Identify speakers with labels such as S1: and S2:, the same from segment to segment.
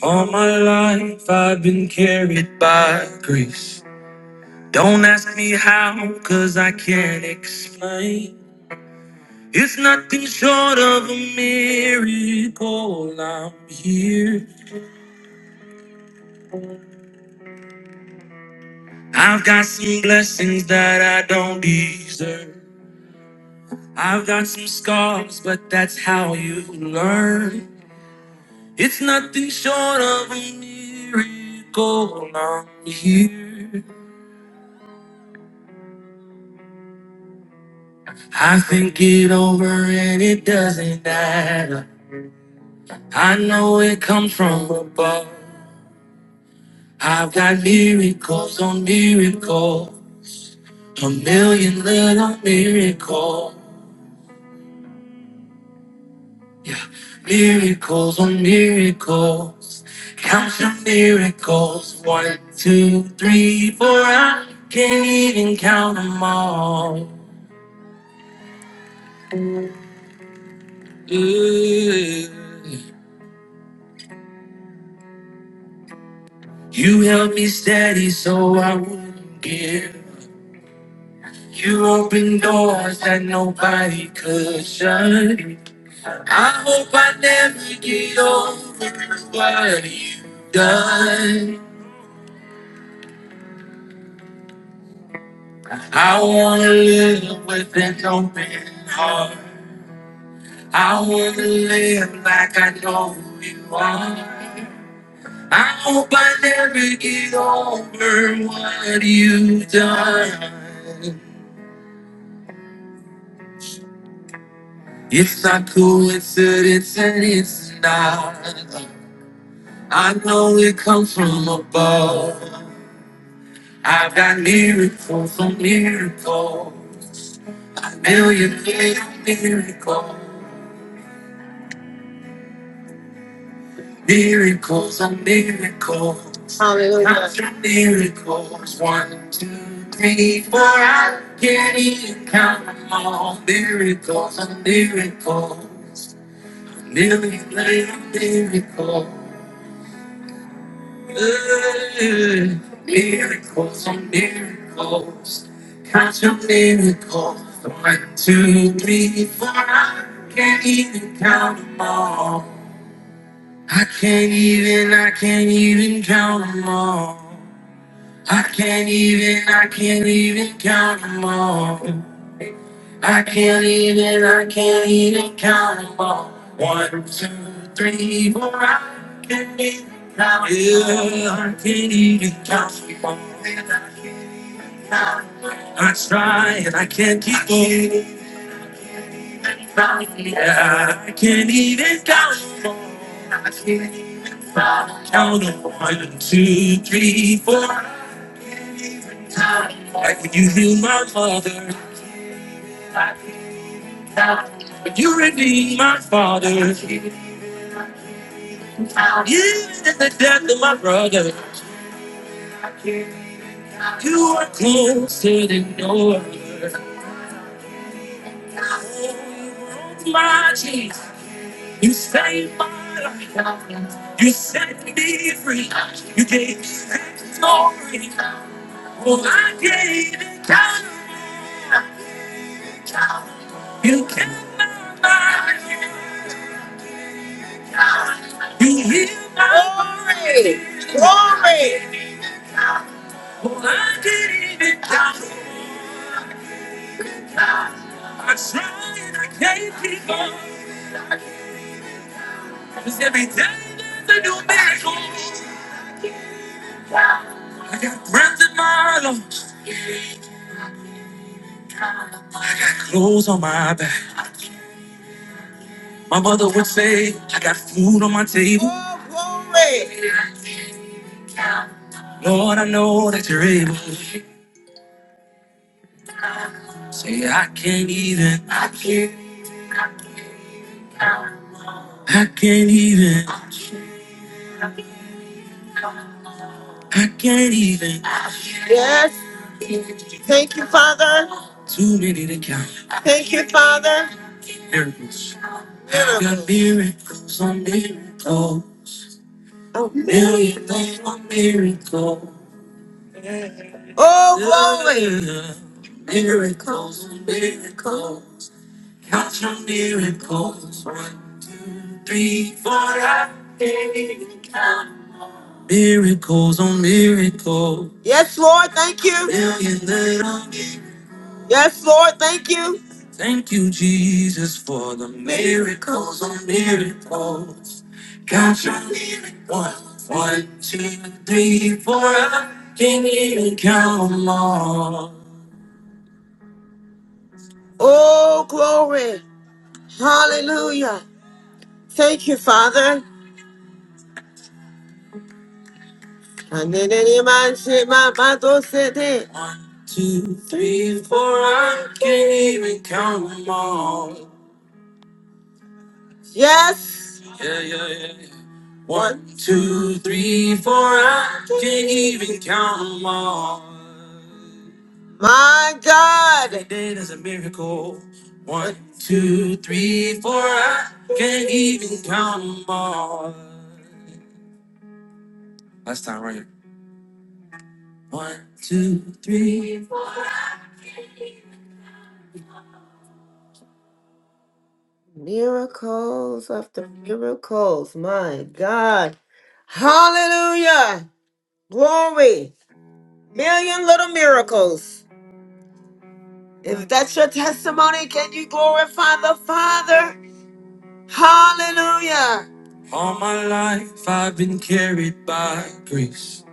S1: All my life I've been carried by grace. Don't ask me how, cause I can't explain. It's nothing short of a miracle. I'm here. I've got some blessings that I don't deserve. I've got some scars, but that's how you learn. It's nothing short of a miracle. I'm here. I think it over and it doesn't matter. I know it comes from above. I've got miracles on miracles, a million little miracles. Yeah, miracles on miracles. Count your miracles. One, two, three, four. I can't even count them all. Ooh. You held me steady so I wouldn't give. You open doors that nobody could shut. I hope I never get over what you've done. I wanna live with an open heart. I wanna live like I know who you are. I hope I never get over what you've done. It's not coincidence and it's not. love. I know it comes from above. I've got miracles on miracles. A million little miracles. Miracles on miracles. Hallelujah. After miracles. One, two, three, four. I can't even count them all. Miracles on miracles. A million little miracles. Good miracles on miracles. Count your miracles. One, two, three, four. I can't even count them all. I can't even, I can't even count them all. I can't even, I can't even count them all. I can't even, I can't even count them all. One, two, three, four, I can't even count. Yeah, I can't even count them all. I try and I can't keep going. Yeah, I can't even count them all. Count them one, two, three, four. Like when you heal my mother. But you redeemed my father. Even in the death of my brother, you are closer than no other. Oh, you were my Jesus, you saved my life. You set me free. You gave me victory. Oh, I gave it down. You kept my mind. Glory! Glory! Well, I didn't even doubt it. I tried and I can't keep on. Cause every day there's a new miracle. I got breath in my lungs. I got clothes on my back. My mother would say, I got food on my table. Oh, glory! Lord, I know that you're able. Say, I can't even. I can't. I can't even. I can't even. Yes. Thank you, Father. Too many to count. Thank you, Father. Miracles. Miracles. Got miracles on miracle. Oh, miracles on miracle. Oh, glory. Miracles on miracle. Count your miracles. One, three, four, I can't count. Miracles on miracle. Yes, Lord. Thank you. Million little miracles. Yes, Lord, thank you. Thank you, Jesus, for the miracles on miracles. Count your miracles. One, one, two, three, four. I can't even count them all. Oh, glory. Hallelujah. Thank you, Father. And then any man say, my mother said it. One, two, three, four. I can't even count them all. Yes. Yeah, yeah, yeah. yeah. One, two, three, four. I can't even count them all. My God. Every day there's a miracle. One, two, three, four. I can't even count them all. Last time right here. One, two, three, four. Miracles after miracles. My God. Hallelujah. Glory. Million little miracles. If that's your testimony, can you glorify the Father? Hallelujah. All my life I've been carried by grace.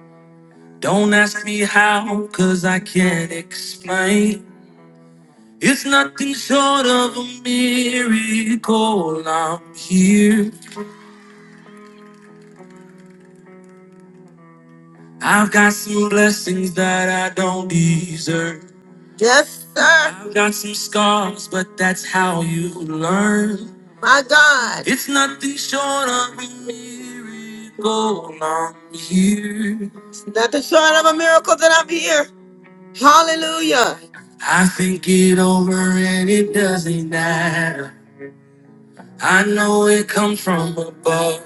S1: Don't ask me how, cause I can't explain. It's nothing short of a miracle. I'm here. I've got some blessings that I don't deserve. Yes, sir. I've got some scars, but that's how you learn. My God. It's nothing short of a miracle. I'm here. It's nothing short of a miracle that I'm here. Hallelujah. I think it over and it doesn't matter. I know it comes from above.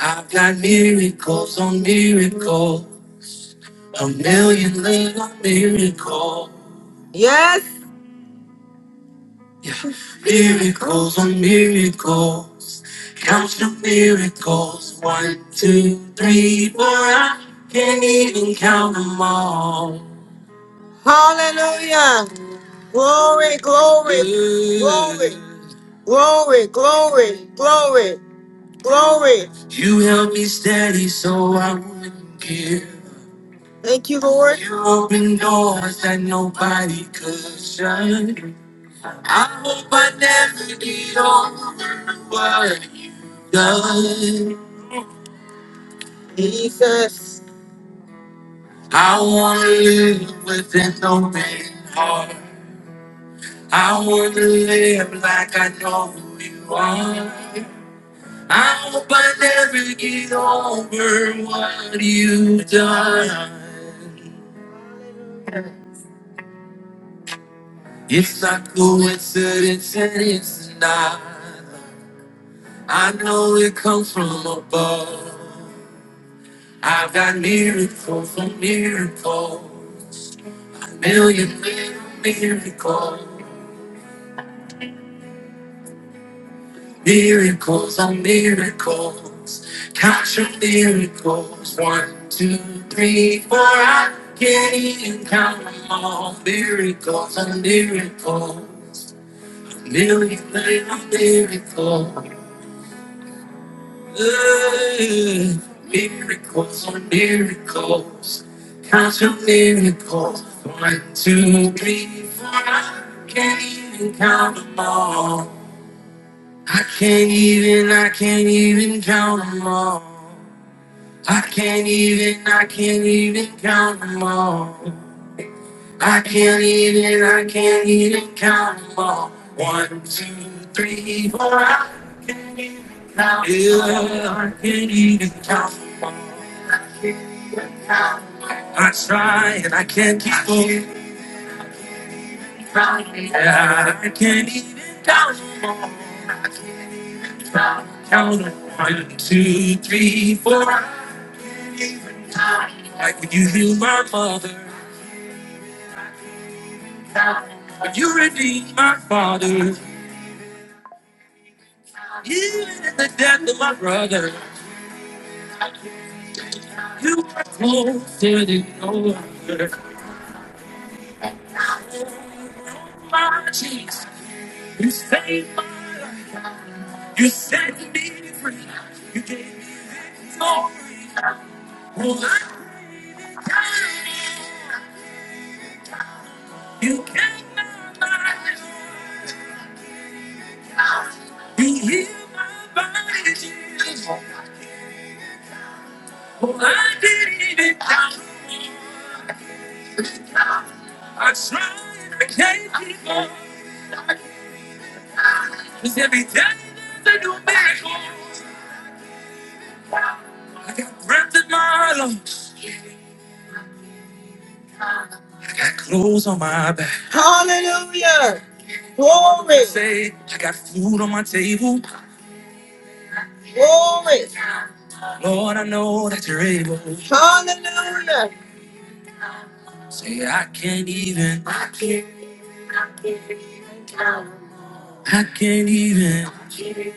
S1: I've got miracles on miracle, a million little miracle. Yes, Yeah. Miracles on miracles. Count your miracles. One, two, three, four. I can't even count them all. Hallelujah. Glory, glory, glory, glory, glory, glory, glory. You held me steady so I wouldn't give. Thank you, Lord. You opened doors that nobody could shut. I hope I never get over what done. Jesus, I want to live with an open heart. I want to live like I know who you are. I hope I never get over what you've done. It's not coincidence and it's not. I know it comes from above. I've got miracles on miracles, a million little miracles, miracles on miracles. Count your miracles, one, two, three, four. I can't even count them all. Miracles on miracles, a million little miracles. Ooh, miracles on miracles, count your miracles. One, two, three, four. I can't even count them all. I can't even, I can't even count them all. I can't even, I can't even count them all. I can't even, I can't even count them all. One, two, three, four. I can't even count. 'em all. Yeah, I can't even count them all. I try and I can't keep them. Yeah, I can't even count them all. Count them. one, two, three, four. I can't even count all. Like when you heal my mother, when you redeem my father. Even in the death of my brother, you were closer than no other. Oh, My Jesus, you saved my life. You set me free. You gave me glory. Well, I'm dying. You kept my mind. You healed my body, Jesus. Well, I didn't even die. I tried, I can't keep on. Cause every day there's a new miracle. I got breath in my lungs. I got clothes on my back. Hallelujah. Glory. Say, I got food on my table. Glory. Lord, I know that you're able. Hallelujah. Say, I can't even. I can't. even count. I can't even.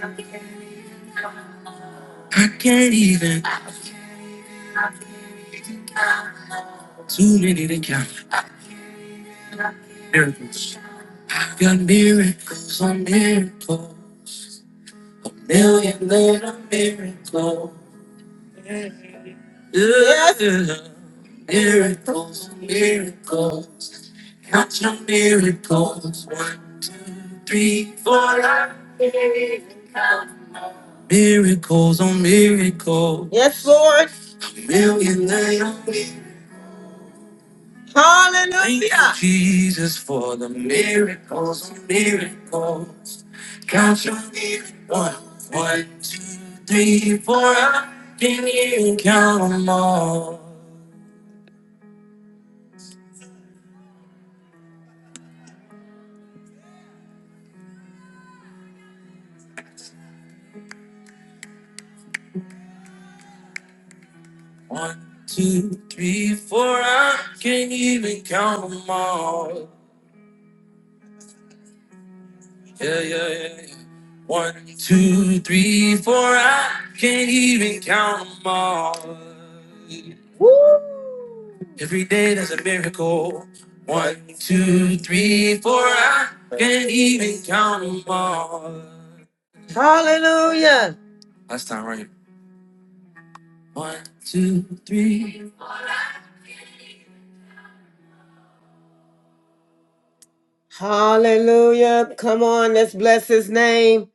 S1: I can't even. I can't even. Too many to count. Miracles. I've got miracles on miracles. Million little miracles. Yeah. Miracles on miracles. Count your miracles. One, three, four, I can't even Count Miracles on miracles. Yes, Lord. A million little miracles. Hallelujah. Thank you, Jesus, for the miracles, miracles. Count your miracles. One, one, two, three, four. I can you count 'em all? One, two, three, four. I can not even count 'em all. Yeah, yeah, yeah. yeah. One, two, three, four. I can't even count them all. Woo! Every day there's a miracle. One, two, three, four. I can't even count them all. Hallelujah. Last time, right? One, two, three. Hallelujah. Come on, let's bless his name.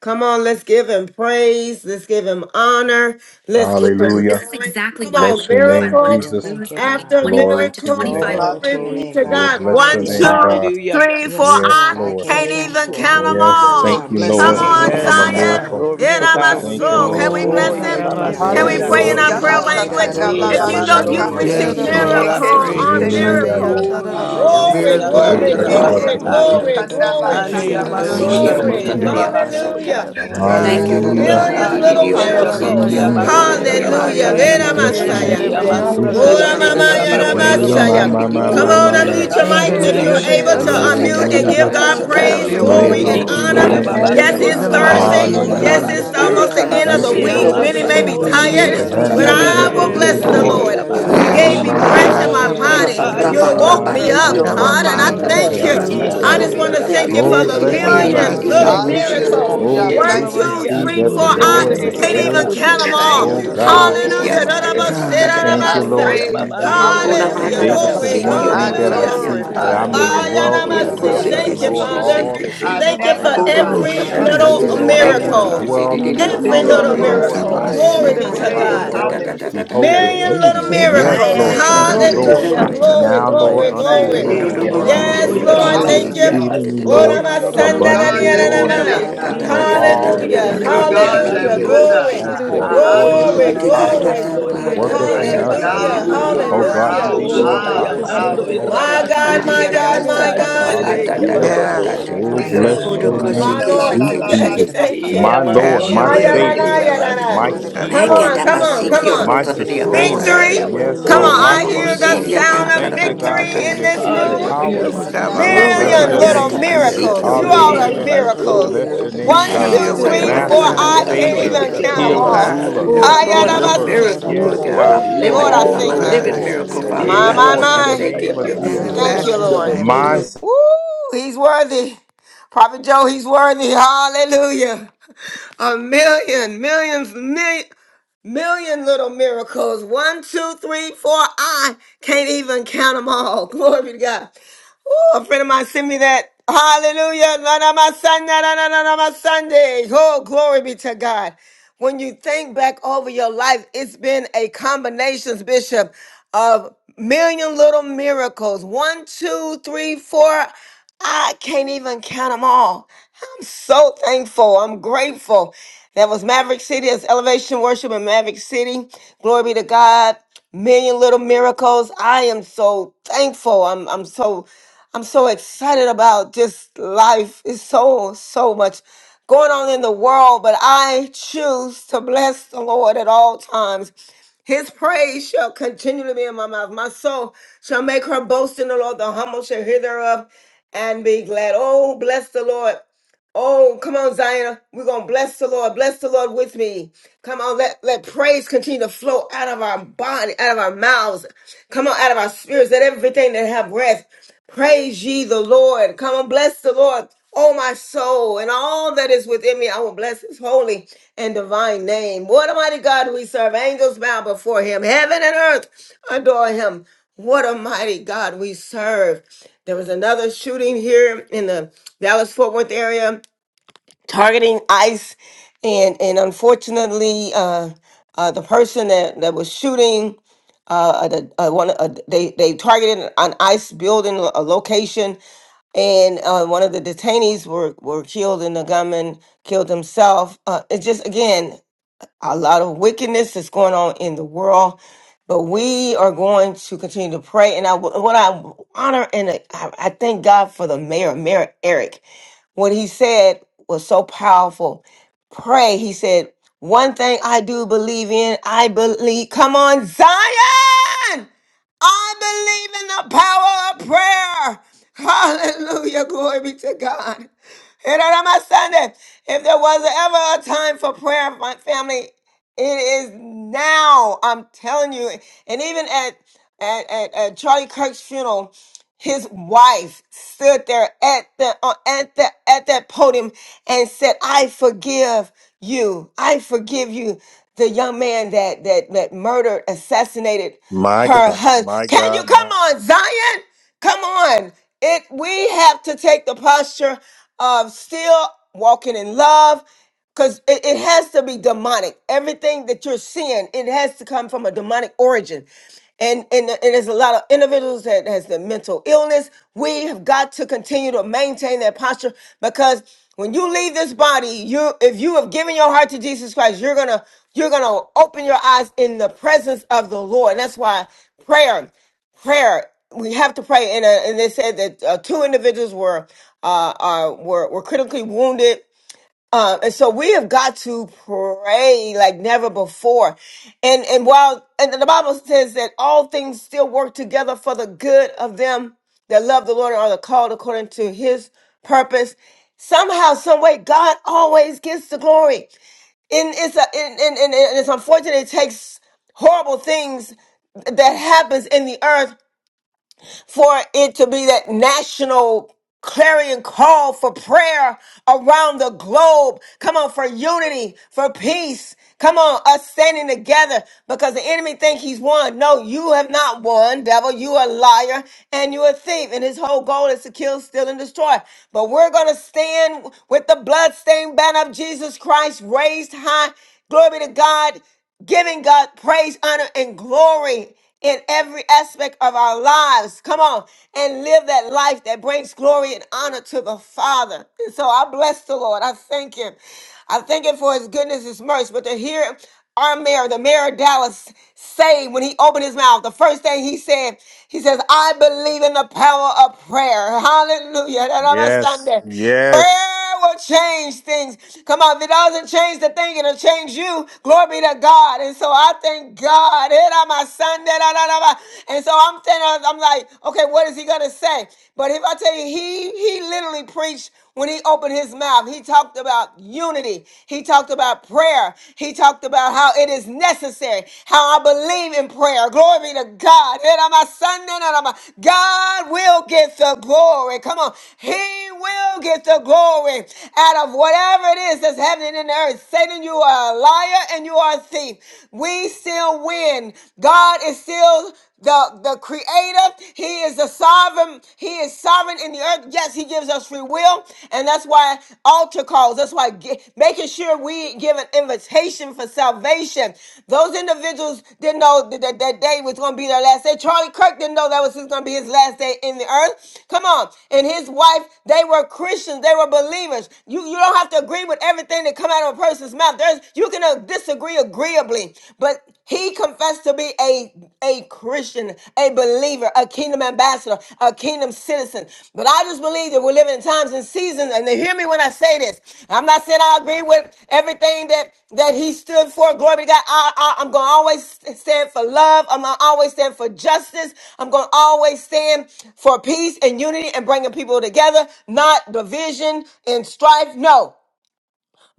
S1: Come on, let's give him praise. Let's give him honor. Let's give him This
S2: Hallelujah.
S1: is glory. exactly Come what I on, would
S2: Bless
S1: do
S2: your
S1: if I wanted to
S2: name,
S1: miracle
S3: Hallelujah.
S2: Jesus.
S3: Thank
S1: lose
S3: you,
S1: between after
S3: God.
S1: 21
S2: Glory
S1: to
S2: to
S1: miracle.
S2: your
S1: 25.
S2: name.
S4: All
S3: Glory
S5: Hall-
S3: to
S1: Glory
S3: your
S1: be
S4: glory
S3: name,
S1: to
S4: to your
S2: Oh,
S3: God.
S1: God.
S2: bless
S4: name,
S2: your
S1: One,
S4: Father
S2: name,
S3: Hallelujah.
S1: two,
S2: God.
S4: God.
S6: Hallelujah.
S1: three, four.
S3: Yes,
S2: Yes,
S1: I
S3: Lord,
S4: I
S3: I
S2: Lord.
S3: can
S1: can't
S3: count
S4: praise
S3: them
S1: even
S4: your
S1: count
S3: all.
S1: them
S4: holy
S2: Yes,
S7: Shema
S2: thank
S1: all.
S3: Uh,
S6: Thank
S4: name.
S6: you,
S2: you,
S4: I
S1: Come
S2: Lord.
S3: blessings
S6: Jesus.
S3: over
S1: on,
S4: worship
S8: Yes,
S2: I'm
S4: you,
S2: a
S3: blessings,
S4: Father
S1: Zion.
S8: God.
S2: miracle.
S3: God.
S4: God.
S6: Glory
S1: In
S6: to
S3: Miracles
S1: my
S6: God.
S3: over
S2: Thank you,
S1: soul.
S4: Hallelujah.
S3: miracles,
S1: Can
S2: Lord.
S1: we
S8: Oh,
S3: God.
S6: Oh,
S1: bless
S6: yeah,
S9: Shire
S1: him?
S6: Baba
S3: Hallelujah.
S1: Can we
S2: Yes,
S6: Soya.
S1: pray in
S3: Thank
S2: Lord.
S1: our
S8: Kadabaseke.
S3: you,
S5: Hallelujah.
S9: Rerebeyasiki
S1: prayer
S3: Lord. Hey,
S4: Ulabosita
S3: da, da,
S1: language?
S3: da,
S5: Hashakanda
S3: da,
S5: la
S6: Hey,
S3: da,
S1: If
S9: Alarabayando.
S5: la
S3: bo,
S1: you know
S3: shi, di,
S6: Amando,
S2: Hallelujah.
S3: di,
S5: shaka.
S1: you've
S3: ya, da, di,
S1: received
S3: di,
S8: Yes,
S3: ya,
S4: yalalaboshantalabosa.
S3: da,
S2: Basata.
S3: di,
S8: Lord,
S3: ya,
S8: I
S3: no,
S5: Eke
S3: da,
S1: miracle
S3: da,
S9: Yararabayasiki
S3: da,
S8: praise you
S3: bo,
S1: on
S5: shike
S3: shi,
S8: right
S3: ya, da,
S5: manda
S2: Yeah,
S3: di,
S8: now.
S3: bi,
S1: miracle,
S5: la
S3: ya,
S2: yeah.
S3: da,
S5: la
S9: Ererebeyanda
S3: di.
S5: la
S6: Only
S5: shaka.
S3: Ya, da,
S1: Glory,
S3: da,
S4: Hallelujah.
S3: da,
S8: Miracle
S9: Rarabayasoko
S4: I
S3: da,
S2: Oh,
S6: sikiando
S3: da,
S8: after
S1: glory,
S6: ya
S3: da,
S2: bless
S3: da, da,
S4: praise
S8: miracle,
S3: bi,
S2: your
S5: Eke
S3: ya,
S4: your
S1: glory,
S3: no,
S2: name,
S3: da,
S4: holy
S8: Lord.
S3: da,
S9: Ererebeyahaya.
S6: rabasataya.
S5: busho
S3: da,
S1: glory,
S3: da,
S4: name.
S3: da,
S2: Jesus.
S5: kanda
S3: da, bi,
S5: la
S3: ya,
S1: glory,
S3: da, di, bi,
S6: Ani
S8: Continue
S3: ya,
S8: to
S3: da, da,
S5: sakanda
S3: bo,
S8: bless
S6: amando
S8: your
S5: la
S3: shi,
S10: Masiki
S6: ya
S3: ya, da, da,
S8: people,
S1: glory.
S9: Shirarabayasiki
S6: rebe
S3: ba,
S6: ya
S3: ba,
S2: Mm.
S3: ya,
S5: sakanda.
S10: Orobosandia
S8: Lord.
S3: da, da, ba.
S9: Yararabayanda
S6: babasoya.
S10: Masanta.
S1: Hallelujah
S8: Oh,
S5: Eke
S8: God,
S3: Yana
S8: I
S3: da
S10: Thank
S3: da
S10: you,
S8: give
S6: O
S3: da
S5: busho
S8: you
S10: Holy
S3: da
S9: Rarabayasoko.
S3: da
S2: Hallelujah.
S3: da
S10: Father.
S5: kanda
S3: da
S8: praise,
S1: million
S5: la
S3: da
S6: shataya
S1: little
S8: glory,
S10: Didio
S8: and
S6: ando
S3: boshi
S6: ya
S8: honor.
S3: yana
S6: re
S3: na
S5: sakanda
S10: Mosiki
S5: la
S3: na
S6: ya
S1: miracles.
S3: na na
S2: Mm.
S5: la.
S9: Hayalalabayanda
S3: na
S6: bando
S3: na
S8: In
S6: ya
S8: the
S3: na na
S10: Orobosandia
S3: da da
S8: mighty
S1: Hallelujah.
S3: da
S6: rabasi.
S10: Masanta
S3: da
S4: Ulabosita
S8: name
S3: da
S1: Lena
S9: Ererebeyasiki
S8: of
S5: Oh,
S2: Bless
S10: Marila
S3: yada
S2: your
S3: da
S10: Santa.
S1: Messiah.
S6: Iki
S3: yada
S11: Hallelujah,
S4: yalalaboshantalabosa.
S3: baba
S2: name,
S8: Jesus.
S3: ya.
S6: amando
S9: Ererebeyanda
S5: hallelujah.
S6: de
S2: Jesus.
S11: hallelujah,
S6: ya
S1: Ora
S5: Thank
S6: re
S5: you,
S10: Alamahana
S3: Yada
S1: mama
S3: da
S6: ya
S8: Have
S3: da
S9: Rarabayasata
S8: your
S11: hallelujah,
S3: da
S1: yada
S10: Nanania
S5: Jesus.
S10: no
S8: way,
S3: yada da
S2: Oh,
S3: da
S6: basoya.
S10: Kosiki,
S2: my,
S1: Messiah.
S10: the
S3: baba
S2: my,
S3: na
S8: Lord.
S3: na
S2: my,
S3: na
S9: Yararabayahaya.
S11: glory
S1: Come
S10: Bidio
S3: da
S2: my,
S11: to
S3: da
S6: O
S1: on,
S11: you,
S2: my.
S3: da da
S2: my.
S4: Praise
S3: da
S1: unmute
S10: Bokanda
S1: your
S4: your
S3: da
S6: shataya
S8: In
S1: mic
S8: the
S3: yada
S6: ando
S11: glory
S4: holy
S3: da
S10: Batanta.
S1: if
S11: to
S6: ya
S11: you,
S1: you're
S8: name
S9: Şiirine
S4: name.
S3: boshi
S11: Lord.
S8: of
S3: yada
S1: able
S4: You're
S3: da
S9: beya
S1: to
S6: rebendi
S3: yada
S9: siki
S3: da
S4: worthy
S1: unmute
S6: amando
S8: Jesus.
S4: to
S3: yada
S1: and
S6: ya
S3: da
S9: yanana
S4: be
S1: give
S2: Hallelujah.
S10: Utatatabaka
S3: yada
S1: God
S9: bayan
S6: rabasi
S9: da
S4: praised,
S9: Şiyenenemeya, sikiyananamayanda,
S3: baba.
S8: Have
S4: Father
S1: praise,
S10: Sakadadia
S8: your
S6: ande.
S4: God.
S8: way,
S11: hallelujah,
S1: glory,
S9: yalanamayanda,
S10: Kandari
S2: Glory
S1: and
S3: Yada da
S2: to
S3: da
S2: your
S10: Bidio
S8: Lord.
S6: Iki
S1: honor.
S6: ya
S3: yada da da
S2: name.
S3: da da
S1: Yes,
S10: Bokandia
S8: In
S1: it's
S3: yana
S8: the
S9: sokoyenenemeya,
S11: hallelujah,
S6: babasota
S3: na na
S6: ya
S9: ha
S10: Masanta.
S3: na
S11: Lord,
S3: na
S1: Thursday.
S8: mighty
S6: mando
S3: na
S9: yalana
S6: ya
S3: na
S8: name
S3: na
S10: Lord,
S1: Yes,
S3: na
S8: of
S10: I'm
S9: bayan
S10: a
S2: Hallelujah.
S11: hallelujah,
S3: na
S1: it's
S3: na
S9: da
S3: da
S6: rabasaya.
S1: almost
S3: da
S10: miracle.
S1: the
S10: I'm
S3: baba
S1: end
S10: a
S4: Shandalabosata
S1: of
S8: Jesus.
S2: Thank
S1: the
S3: yada
S7: Yellow,
S2: you,
S11: glory
S3: da
S10: city
S6: Ya
S11: to you,
S3: ba.
S1: week.
S10: of
S2: Lord.
S9: yerine
S1: Many may
S10: Mosana,
S1: be
S8: Continue
S9: beya da yalanamayanda. Yerenemeya,
S10: I'm a
S8: to
S6: masoli
S3: Isha
S10: city
S2: If
S3: da
S10: of
S2: it
S1: tired,
S3: da
S8: use
S3: da
S8: us
S2: had
S9: dayanamayanda,
S3: da
S1: but
S8: for
S10: Masata,
S3: da
S6: esi
S2: not
S3: da
S8: your
S4: Yellow
S6: ya
S10: that
S2: been
S3: da
S1: I
S10: I'm
S2: for
S10: a
S6: ando
S1: will
S4: Robo
S3: baba
S6: de
S10: dear
S2: you,
S3: yada
S8: glory.
S1: bless
S6: ya
S4: CK,
S3: da
S1: the
S3: da
S6: re
S11: thank
S3: da
S9: sokoyenenemeya,
S2: Lord,
S3: da
S11: you,
S10: Bokate.
S4: Yellow
S6: ya
S1: Lord.
S3: da da
S8: and
S9: ha
S3: da
S4: Robo
S1: You
S3: da
S11: Jesus,
S9: ya.
S8: have
S1: gave
S4: Shop,
S2: on
S8: your
S3: boshi
S1: me
S2: my
S3: yada
S4: Yellow
S3: da
S4: Robo
S8: mind
S11: hallelujah,
S1: breath in
S3: yada da
S1: my
S4: Shop,
S2: side,
S6: Oh,
S3: yada na da
S1: body.
S10: Rapa,
S3: da
S4: Yellow
S3: ba
S8: atapusha.
S1: You
S6: Shataya,
S4: Robo,
S9: Şiyeneme
S3: yada
S10: rapa,
S3: da
S6: no,
S11: glory to
S1: woke
S6: your
S3: baba
S2: ah,
S10: rapa,
S11: you,
S1: me
S9: koro
S3: ya.
S2: where
S1: up,
S10: didio
S6: Rabasi
S8: Have
S2: would
S8: a
S11: Lord.
S2: I
S9: mamama,
S1: God, and
S6: and
S9: no
S1: I
S2: be?
S10: Mokosa,
S9: no
S3: Yada
S8: mind
S9: no
S2: Where
S3: da
S8: to
S11: yes,
S3: da
S2: could
S1: thank
S3: no
S10: Kaludia
S2: I
S1: you.
S3: no
S8: serve
S3: no
S9: manasa,
S6: Iki
S11: yes,
S8: and
S4: Old
S2: do,
S3: no no
S6: and
S1: I
S10: Masata.
S3: no
S11: yes,
S6: no,
S2: Lord?
S4: Robo
S1: just
S8: save
S3: da
S6: your
S1: want
S3: da
S1: to
S3: da
S8: us.
S4: CK,
S3: ba
S10: Thank
S1: thank
S10: you,
S1: you
S9: dayenenemeya,
S3: yada
S4: Yellow
S3: da
S1: for
S2: Oh,
S10: Jesus.
S1: the
S6: Rabasete,
S10: He
S3: yada
S4: Robo
S10: did
S3: da
S2: bless
S10: be
S2: your
S8: Holy
S3: yada na
S10: did be
S3: na
S9: satayananameya,
S2: name,
S1: million
S3: da
S11: hallelujah,
S10: did
S9: ha.
S6: Yababasoya.
S3: da
S1: little
S10: your
S3: da
S2: Jesus.
S10: motor
S3: boshi
S10: to
S3: yada
S10: the
S8: Basekita.
S3: da
S1: miracles.
S6: Oh,
S10: book or
S3: yada
S2: Oh,
S3: da
S5: Hallelujah.
S3: ba
S10: take
S1: One,
S5: Thank
S3: yada
S2: taste
S10: it.
S3: da
S2: and
S3: ba.
S9: Şiyalanameya,
S6: Niesi
S1: two,
S5: you,
S2: see
S5: Jesus.
S8: In
S1: three,
S6: and
S8: the
S2: that
S1: four.
S2: the
S6: on
S4: Holy,
S8: mighty
S6: the
S3: Yada
S1: I
S3: da
S2: Lord
S10: Thank
S3: da
S6: Yere
S8: name of
S2: is
S3: da
S1: can't
S11: hallelujah,
S9: da
S3: da da
S1: even
S2: good.
S3: da da ba
S1: count
S6: Yabaso.
S1: them
S10: you,
S8: Jesus.
S10: Jesus.
S3: yada
S10: Eh,
S3: da
S1: all.
S5: Thank
S3: da
S2: Oh,
S9: sikiyenenemeya,
S5: you,
S3: da
S4: Old
S3: ba
S4: Robo
S10: di-
S3: yada
S2: God.
S5: Jesus.
S3: da
S9: dananameya,
S6: Oh,
S3: da
S1: Hallelujah. None
S8: Oh
S4: CK,
S3: da
S1: of
S9: sata.
S3: ba ya
S1: us
S4: Yellow Robo
S3: da da ba yada da
S1: sit
S8: God.
S3: ba
S1: on
S6: Niesi
S1: a
S2: Thank
S4: Shop,
S3: yada
S6: and
S3: da
S5: I
S2: you,
S3: ba.
S6: on
S1: massa.
S2: Lord
S5: praise you.
S9: Orobabakanda
S2: Jesus.
S6: Yababando,
S3: Yana da da da
S1: Hallelujah.
S3: da
S9: yererebeya
S3: da
S5: Hallelujah.
S6: Yarebendi
S3: ba
S2: David
S3: ya
S2: said,
S9: siki
S3: da
S1: Glory.
S3: da ba
S2: One
S3: ya
S5: I
S2: thing
S3: na
S6: Yabasoya.
S3: na
S2: that
S4: Holy
S2: I
S3: na
S9: yererebeya
S3: na
S1: Hallelujah.
S3: na
S2: seek,
S9: sata
S3: na da
S2: that
S4: Channel,
S5: glorify
S6: Ah,
S3: da
S2: I
S3: da
S5: you.
S2: may
S3: da ba
S1: Ah,
S9: yererebeya
S3: ya
S1: yeah,
S3: da
S6: Niesi
S2: dwell
S3: da
S1: none
S2: in
S3: ba
S1: of
S2: the
S1: us
S3: da
S6: and
S3: da ba
S9: dararebeya
S6: on
S1: sit.
S3: ya
S5: Hallelujah.
S2: house of
S3: da
S2: the
S3: da
S1: Thank
S9: sata.
S1: you,
S3: bo shi
S2: Lord
S3: ya da
S6: Yarabase.
S3: da
S1: Father.
S2: all
S3: ba
S2: the
S3: ya.
S5: I
S2: days of
S1: Thank you
S2: my
S1: for
S9: Shiyanarebeya
S2: life
S3: Ye
S6: Ati
S3: da
S5: magnify
S8: Oh
S3: di
S5: you.
S1: every
S3: ya da
S9: dararebeya
S4: the
S3: da di
S2: Thank
S6: Yababasoya.
S9: siti
S1: little
S3: ya
S2: you,
S4: Word,
S3: da
S8: Jesus.
S3: na
S2: Lord. I
S3: na na
S9: yererebeya
S2: want
S4: is
S2: to
S5: Hallelujah.
S3: na da
S4: you,
S9: da.
S1: miracle.
S3: da da
S2: dwell
S3: da
S10: di-
S2: in
S3: da
S10: di-
S2: the
S3: da
S10: oh,
S3: ba
S10: my
S1: Every
S3: ya
S5: You
S2: house
S3: da
S2: of
S10: God,
S2: the
S5: are
S1: little
S3: da
S10: eh.
S3: da
S8: Oh
S9: Yererebeya
S3: da
S2: Lord
S3: da da
S5: worthy
S9: siki
S3: ba
S1: miracle.
S2: all
S3: ya
S2: the
S3: da
S5: to
S3: da ba
S1: Glory
S2: days
S3: ya
S10: Ooh,
S5: be
S2: of
S3: da
S1: be
S10: ah,
S8: Tabasaka.
S2: my
S3: da
S10: da-
S1: to
S9: yererebeya
S3: da ba
S2: life,
S5: praised.
S10: ma-
S4: Yellow
S10: ah,
S3: ya
S1: God.
S4: Robo
S10: da-
S3: da
S2: Lord.
S10: da-
S3: da
S10: da-
S3: da
S9: dararebeya
S3: da
S10: da-
S3: ba.
S10: da- da-
S9: soko
S4: CK,
S10: da.
S2: Behold the
S5: Hallelujah.
S4: Yellow
S3: Ye
S9: ye.
S3: da
S4: Robo
S1: Million
S3: di
S1: little
S3: ya
S2: beauty.
S7: Kuona
S3: da
S4: Shop,
S3: da ba
S7: mana
S3: ba
S2: Yes,
S7: na
S1: miracles.
S3: ya
S7: na
S3: da
S2: Lord.
S9: Yalanabeya
S7: na
S3: di
S5: Thank
S7: na na
S10: Ooh,
S3: ya
S2: Thank
S7: na
S3: na
S9: shata
S5: you,
S2: you,
S10: Glory
S3: na
S10: to
S3: na da
S2: Lord.
S5: Jesus.
S3: da
S1: Hallelujah.
S10: God.
S3: da ba
S9: yererebeya
S3: ya
S1: Glory,
S8: Ebasatarapushota.
S3: da
S2: Now,
S3: da ba ya
S2: Lord,
S1: glory,
S9: dararebeya
S3: da
S2: unto
S9: sata
S3: da
S4: Hallelujah,
S7: na
S1: glory.
S3: ba
S10: Oh,
S7: na
S5: Thank
S3: ya
S2: him,
S10: do-
S6: Hey,
S7: na
S3: da da
S7: na
S3: ba
S10: do-
S5: you,
S10: do-
S9: yererebeya
S3: ya
S2: Lord,
S3: da da ba ya da
S10: kan-
S2: who
S3: na
S10: di-
S9: sata
S2: is
S5: Jesus.
S3: da
S6: Yamando,
S10: di-
S1: Yes,
S3: da
S10: di-
S8: Oh
S5: You
S2: able
S3: bo
S5: are
S10: di-
S3: shi
S2: to
S1: Lord.
S10: di-
S3: ya da
S10: di-
S2: do
S3: da
S4: Glory
S8: yes.
S10: di-
S9: yererebeya
S1: Thank
S6: Yaraban
S3: ba
S5: awesome,
S4: to
S10: di-
S4: your
S1: you.
S10: ah,
S3: ya.
S10: ba-
S9: sata.
S5: God.
S10: da-
S4: name,
S2: exceedingly,
S10: da- di- oh,
S4: Shop,
S2: Lord,
S1: Ora
S6: Yabasoya.
S10: God,
S3: Yana
S4: Yellow
S10: eh.
S3: da
S5: You
S3: da
S1: masanda
S5: are
S4: Robo
S3: da da
S9: Roma
S3: da
S1: da
S3: ba
S1: di
S5: God
S2: abundantly,
S3: ya
S4: CK,
S1: ana
S3: da
S5: that
S6: Oh,
S3: da
S1: na
S3: ba
S10: Oh,
S2: Lord,
S9: bakanda
S3: ya
S10: da-
S3: da
S5: cannot
S10: ba-
S3: na
S1: mai.
S10: ah,
S3: na
S10: da-
S9: yerere
S3: da
S5: lie.
S10: da-
S3: da
S10: da-
S9: beyaz
S2: above
S3: ba
S6: yesi,
S10: da-
S3: ba
S10: da-
S3: ya
S10: da-
S3: da
S2: all
S3: da
S10: da-
S2: the
S7: na
S6: andonde
S3: ba
S9: satara
S10: da-
S7: na
S1: Hallelujah.
S3: ya
S10: ba-
S2: things
S5: You
S3: da
S5: are
S3: da
S2: I
S10: kan-
S9: baya
S3: bo
S6: yere,
S2: can
S10: di- di-
S3: shi
S5: God
S3: ya
S10: di-
S9: ya.
S2: ask,
S4: Yellow
S3: da
S10: di-
S5: that
S3: da
S1: Hallelujah.
S2: think,
S3: ba
S10: di-
S7: na
S10: oh,
S3: ya
S5: will
S4: Robo
S3: da
S6: abasoya.
S3: da
S10: God,
S4: C
S5: not
S3: ba
S1: Glory,
S10: eh.
S4: K,
S2: ask
S3: ba.
S5: lie.
S2: for,
S9: Şirere
S4: Yellow Robo
S5: I
S9: beyaz
S3: Yeah,
S5: honor
S2: according
S6: Oh,
S5: you
S9: sata
S2: to
S4: CK,
S1: glory,
S2: the
S10: Glory to
S9: yerere
S5: today.
S10: God.
S2: power
S6: shakaya,
S9: beyaz
S1: glory.
S9: soku
S2: that
S6: andonde
S9: yerere
S2: worketh
S5: I
S6: yere,
S2: in
S9: beyaz
S5: give you
S2: us,
S9: darara
S2: Lord.
S1: Hallelujah.
S5: all the
S9: baya
S4: Yellow
S6: ababasoya.
S10: Hatanabahadanabasadadabiakode.
S2: Oh
S4: Robo Shop, Yellow Robo
S5: glory,
S4: CK,
S9: hayalala
S2: God, you
S5: all
S1: Hallelujah.
S2: be
S9: baya
S5: the
S6: Oh,
S4: Yellow
S9: darara
S5: honor,
S4: Robo
S2: glorified.
S9: baya
S5: and
S4: Shop,
S5: all
S2: Yes,
S6: tayamando
S9: şata.
S4: Yellow
S5: the
S4: Robo
S2: Lord.
S4: Shop,
S5: praise.
S1: My
S2: Thank you,
S1: God,
S6: yarabase,
S1: my
S2: Jesus.
S5: Hallelujah.
S1: God,
S9: Şirere
S1: my
S5: Shanta
S9: beyaz
S1: God.
S5: kanda
S9: sit
S5: na
S6: atiebe
S5: na
S9: yerere
S2: Hallelujah.
S4: Yellow
S9: beyaz
S5: sata.
S4: boss,
S9: darara
S8: Yes.
S6: yababasoya.
S10: Dadabahayanabasadadabahatadadabakate.
S2: Oh,
S9: baya
S8: My
S1: Woo,
S5: Eke
S4: yellow
S8: God.
S9: soku
S7: na
S5: tu
S2: bless your
S9: yerere
S5: koto
S1: my
S2: name,
S5: na
S9: beyaz
S5: la
S1: Lord,
S5: la
S2: sweet
S9: darara
S5: la
S9: baya
S5: la
S1: today.
S2: Jesus,
S1: Thank
S9: sata.
S1: you.
S5: shaka.
S2: my
S10: Odokosekesekedididididiyomokode.
S8: Have
S2: Lord,
S8: your
S6: Yamandonde
S2: my
S8: way,
S6: yere,
S9: Hayalala
S8: Lord
S2: Savior,
S9: baya
S8: God. Yes,
S9: şata
S1: Ayarara-yarara.
S2: my
S8: oh,
S6: abaso.
S1: Come
S2: Keeper,
S1: on, come
S8: Shaddai,
S9: yerere
S1: on, come
S9: beyaz
S1: on.
S2: my
S9: sata yerere
S8: Oh,
S9: baya
S6: Oh,
S2: Sustainer.
S10: Ekedabasikiyorobotandidiyabasanda.
S8: have
S1: Victory.
S8: your way,
S9: hayalala
S2: Yes,
S5: Oko
S1: Come
S10: Oh,
S1: on,
S9: baya
S8: Lord
S2: Lord,
S10: no,
S6: yabasoya
S10: no,
S2: my
S1: I
S9: darara
S10: no,
S6: ba.
S10: no.
S8: Jesus.
S1: hear
S9: baya.
S5: kuko
S1: the
S2: Keeper.
S5: no
S8: Take
S1: sound of
S8: control
S2: Thank
S5: sika.
S2: you,
S8: of my
S2: God,
S1: victory
S2: for
S1: in
S2: your
S8: sin.
S1: this
S2: keeping
S7: na
S1: room.
S5: Heke
S7: na
S2: power.
S9: Yererebeya
S8: Oh,
S6: Hallelujah,
S8: Shabba,
S6: Jesus.
S2: Oh,
S5: mandala
S8: ba,
S10: Glory
S8: ba,
S2: bless
S10: to
S8: ba,
S6: Thank
S1: Million
S5: saka.
S2: your
S9: sikiyarerebeya
S6: you.
S10: God.
S8: yes,
S1: little
S2: name,
S9: soko
S8: shake
S2: Jesus.
S8: it to
S1: miracles.
S8: the
S1: You
S9: yererebeya
S8: way
S1: all
S6: Eh,
S1: are
S8: you
S2: Hallelujah.
S10: Tabasikiorobotanda.
S7: Shalom,
S9: dararebeya
S8: see it.
S1: miracles.
S6: Yabasoya.
S9: hay.
S2: Bless your
S10: Oh,
S2: name,
S1: One,
S8: Have
S2: God.
S8: your
S1: two,
S10: Jesus.
S8: way,
S10: da
S1: three,
S10: ba
S9: Shirerebeya
S8: Lord
S10: ta
S1: four.
S10: ta
S2: Master,
S10: ta ta
S1: I
S8: God.
S10: ta ba
S1: can't
S10: de.
S2: Savior,
S9: satayarerebeya
S6: Yandonde
S1: even count them
S8: Oh,
S2: Healer,
S9: dararebeya
S6: yere,
S1: all.
S9: soko
S8: God,
S2: Ruler,
S9: ye.
S10: Oh
S8: don't
S4: Hallelujah.
S6: abaso.
S8: be
S10: Lord,
S3: Yes,
S10: I'm a
S8: ashamed
S9: Hallelujah.
S8: of
S9: Je-
S2: Deliverer.
S1: Ayarabasi.
S8: us.
S10: miracle,
S4: You
S10: Lord
S2: Yes,
S1: Woo,
S10: God. I'm
S2: God,
S11: Thank
S4: are
S2: you are
S10: living
S1: Lord, I
S9: Thank
S10: a,
S2: all
S9: you,
S8: Oh,
S10: I'm
S6: Oh,
S10: a
S1: thank
S9: Lord
S1: you.
S2: those,
S8: God,
S10: living
S2: Lord,
S8: have
S9: Jesus.
S10: miracle,
S8: your way
S10: Father
S2: and
S1: My,
S8: right
S10: God. I
S1: my,
S9: Yererebeya
S2: more
S8: now.
S10: never
S2: in the
S1: my.
S10: say
S6: Yabasoya,
S2: name of
S9: satayarerebeya
S8: In
S10: miracle.
S8: the
S2: Jesus.
S6: Yabasoya.
S1: Thank
S9: sata.
S1: you,
S8: Master's
S1: Lord.
S4: the
S8: name,
S4: most
S2: My
S9: Shire
S8: it's-
S1: Woo, he's worthy. Prophet Joe, he's worthy. Hallelujah. A million, millions, million, million little miracles. One, two, three, four. I can't even count them all. Glory be to God. Ooh, a friend of mine sent me that. Hallelujah. Na, na, ma, san, na, na, na, na, na, ma, Sunday. Oh, glory be to God. When you think back over your life, it's been a combinations, Bishop, of million little miracles. One, two, three, four. I can't even count them all. I'm so thankful. I'm grateful. That was Maverick City. It's Elevation Worship in Maverick City. Glory be to God. Million Little Miracles. I am so thankful. I'm I'm so I'm so excited about just life. It's so so much going on in the world, but I choose to bless the Lord at all times. His praise shall continually be in my mouth. My soul shall make her boast in the Lord. The humble shall hear thereof and be glad. Oh, bless the Lord. Oh, come on, Zion. We're going to bless the Lord. Bless the Lord with me. Come on, let, let praise continue to flow out of our body, out of our mouths. Come on, out of our spirits. Let everything that have breath praise ye the Lord. Come on, bless the Lord. Oh, my soul and all that is within me, I will bless his holy and divine name. What a mighty God we serve. Angels bow before him. Heaven and earth adore him. What a mighty God we serve. There was another shooting here in the Dallas Fort Worth area targeting ICE, and and unfortunately, uh, uh, the person that, that was shooting, uh, uh, the, uh, one uh, they they targeted an ICE building lo- a location, and uh, one of the detainees were were killed, and the gunman killed himself. Uh, it's just again a lot of wickedness that's going on in the world. But we are going to continue to pray, and I what I honor and I, I thank God for the mayor, Mayor Eric. What he said was so powerful. Pray, he said, one thing I do believe in, I believe. Come on, Zion! I believe in the power of prayer. Hallelujah. Glory be to God. And on my Sunday, if there was ever a time for prayer, my family, it is now. I'm telling you. And even at at, at, at Charlie Kirk's funeral, his wife stood there at the uh, at the at that podium and said, "I forgive you. I forgive you." The young man that that that murdered, assassinated
S2: My
S1: her
S2: God,
S1: husband.
S2: my
S1: Can you
S2: God, my
S1: come on, Zion? Come on. It we have to take the posture of still walking in love because it, it has to be demonic everything that you're seeing it has to come from a demonic origin and and, and there's a lot of individuals that has the mental illness we have got to continue to maintain that posture because when you leave this body you if you have given your heart to jesus christ you're gonna you're gonna open your eyes in the presence of the lord and that's why prayer prayer. We have to pray. And, uh, and they said that uh, two individuals were uh, are, were were critically wounded uh, and so we have got to pray like never before. And and while and the Bible says that all things still work together for the good of them that love the Lord and are called according to his purpose. Somehow, some way, God always gets the glory. And it's a and, and, and it's unfortunate it takes horrible things that happens in the earth for it to be that national clarion call for prayer around the globe. Come on, for unity, for peace. Come on, us standing together because the enemy think he's won. No, you have not won, devil. You a liar and you a thief. And his whole goal is to kill, steal, and destroy. But we're going to stand with the bloodstained banner of Jesus Christ raised high. Glory be to God, giving God praise, honor, and glory in every aspect of our lives. Come on, and live that life that brings glory and honor to the Father. And so I bless the Lord. I thank Him. I thank Him for His goodness, His mercy. But to hear our mayor, the mayor of Dallas, say when he opened his mouth, the first thing he said, he says, I believe in the power of prayer. Hallelujah. That on a
S2: yes,
S1: Sunday.
S2: yes.
S1: Prayer will change things. Come on, if it doesn't change the thing, it'll change you. Glory be to God. And so I thank God. Era my son, da, da, da, da, da. And so I'm saying, I'm like, okay, what is he going to say? But if I tell you, he, he literally preached when he opened his mouth. He talked about unity. He talked about prayer. He talked about how it is necessary, how I believe in prayer. Glory be to God. Era my son, da, da, da, da. God will get the glory. Come on. He will get the glory out of whatever it is that's happening in the earth. Satan, you are a liar and you you are a thief. We still win. God is still the, the creator. He is the sovereign. He is sovereign in the earth. Yes, he gives us free will. And that's why altar calls. That's why ge- making sure we give an invitation for salvation. Those individuals didn't know that that, that day was going to be their last day. Charlie Kirk didn't know that was going to be his last day in the earth. Come on. And his wife, they were Christians. They were believers. You, you don't have to agree with everything that come out of a person person's mouth. There's you can uh, disagree agreeably, but he confessed to be a a Christian, a believer, a kingdom ambassador, a kingdom citizen. But I just believe that we're living in times and seasons, and they hear me when I say this. I'm not saying I agree with everything that that he stood for. Glory be to God. I, I, I'm gonna always stand for love. I'm gonna always stand for justice. I'm gonna always stand for peace and unity and bringing people together, not division and strife. No.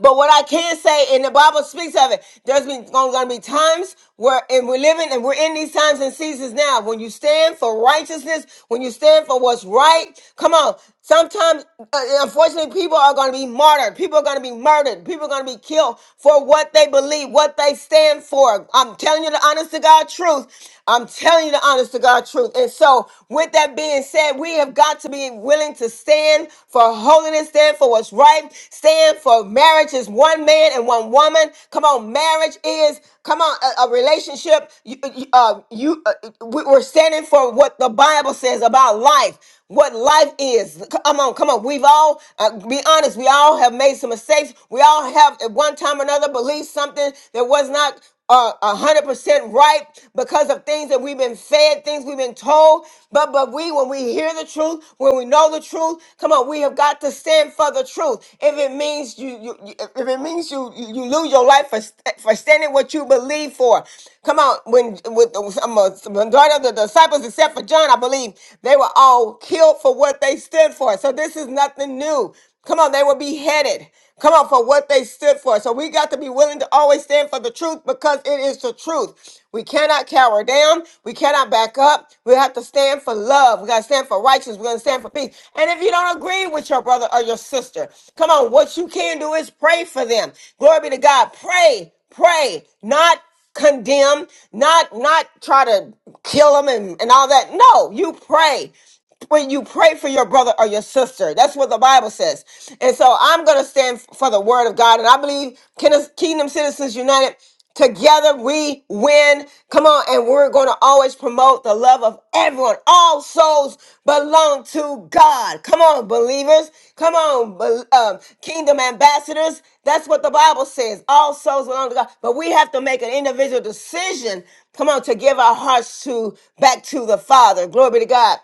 S1: But what I can say, and the Bible speaks of it, there's been going to be times where, and we're living, and we're in these times and seasons now. When you stand for righteousness, when you stand for what's right, come on. Sometimes, uh, unfortunately, people are going to be martyred. People are going to be murdered. People are going to be killed for what they believe, what they stand for. I'm telling you the honest to God truth. I'm telling you the honest to God truth. And so, with that being said, we have of God to be willing to stand for holiness, stand for what's right, stand for marriage is one man and one woman. Come on, marriage is, come on, a, a relationship. You, uh, you- uh, you uh, we- we're standing for what the Bible says about life. What life is. C- Come on, come on. We've all, uh, be honest, we all have made some mistakes. We all have at one time or another believed something that was not uh, 100% right because of things that we've been fed, things we've been told. But but we, when we hear the truth, when we know the truth, come on, we have got to stand for the truth. If it means you, you you- if it means you, you you lose your life for st- for standing what you believe for, come on. When with the some of- some majority of the disciples, except for John, I believe they were all killed for what they stood for. So this is nothing new. Come on, they were beheaded. Come on, for what they stood for. So we got to be willing to always stand for the truth because it is the truth. We cannot cower down. We cannot back up. We have to stand for love. We got to stand for righteousness. We're going to stand for peace. And if you don't agree with your brother or your sister, come on, what you can do is pray for them. Glory be to God. Pray, pray, not condemn, not not try to kill them and, and all that. No, you pray when you pray for your brother or your sister. That's what the Bible says. And so I'm going to stand for the word of God. And I believe Kin- Kingdom Citizens United, together we win. Come on. And we're going to always promote the love of everyone. All souls belong to God. Come on, believers. Come on, bel- um, Kingdom ambassadors. That's what the Bible says. All souls belong to God. But we have to make an individual decision. Come on, to give our hearts to back to the Father. Glory be to God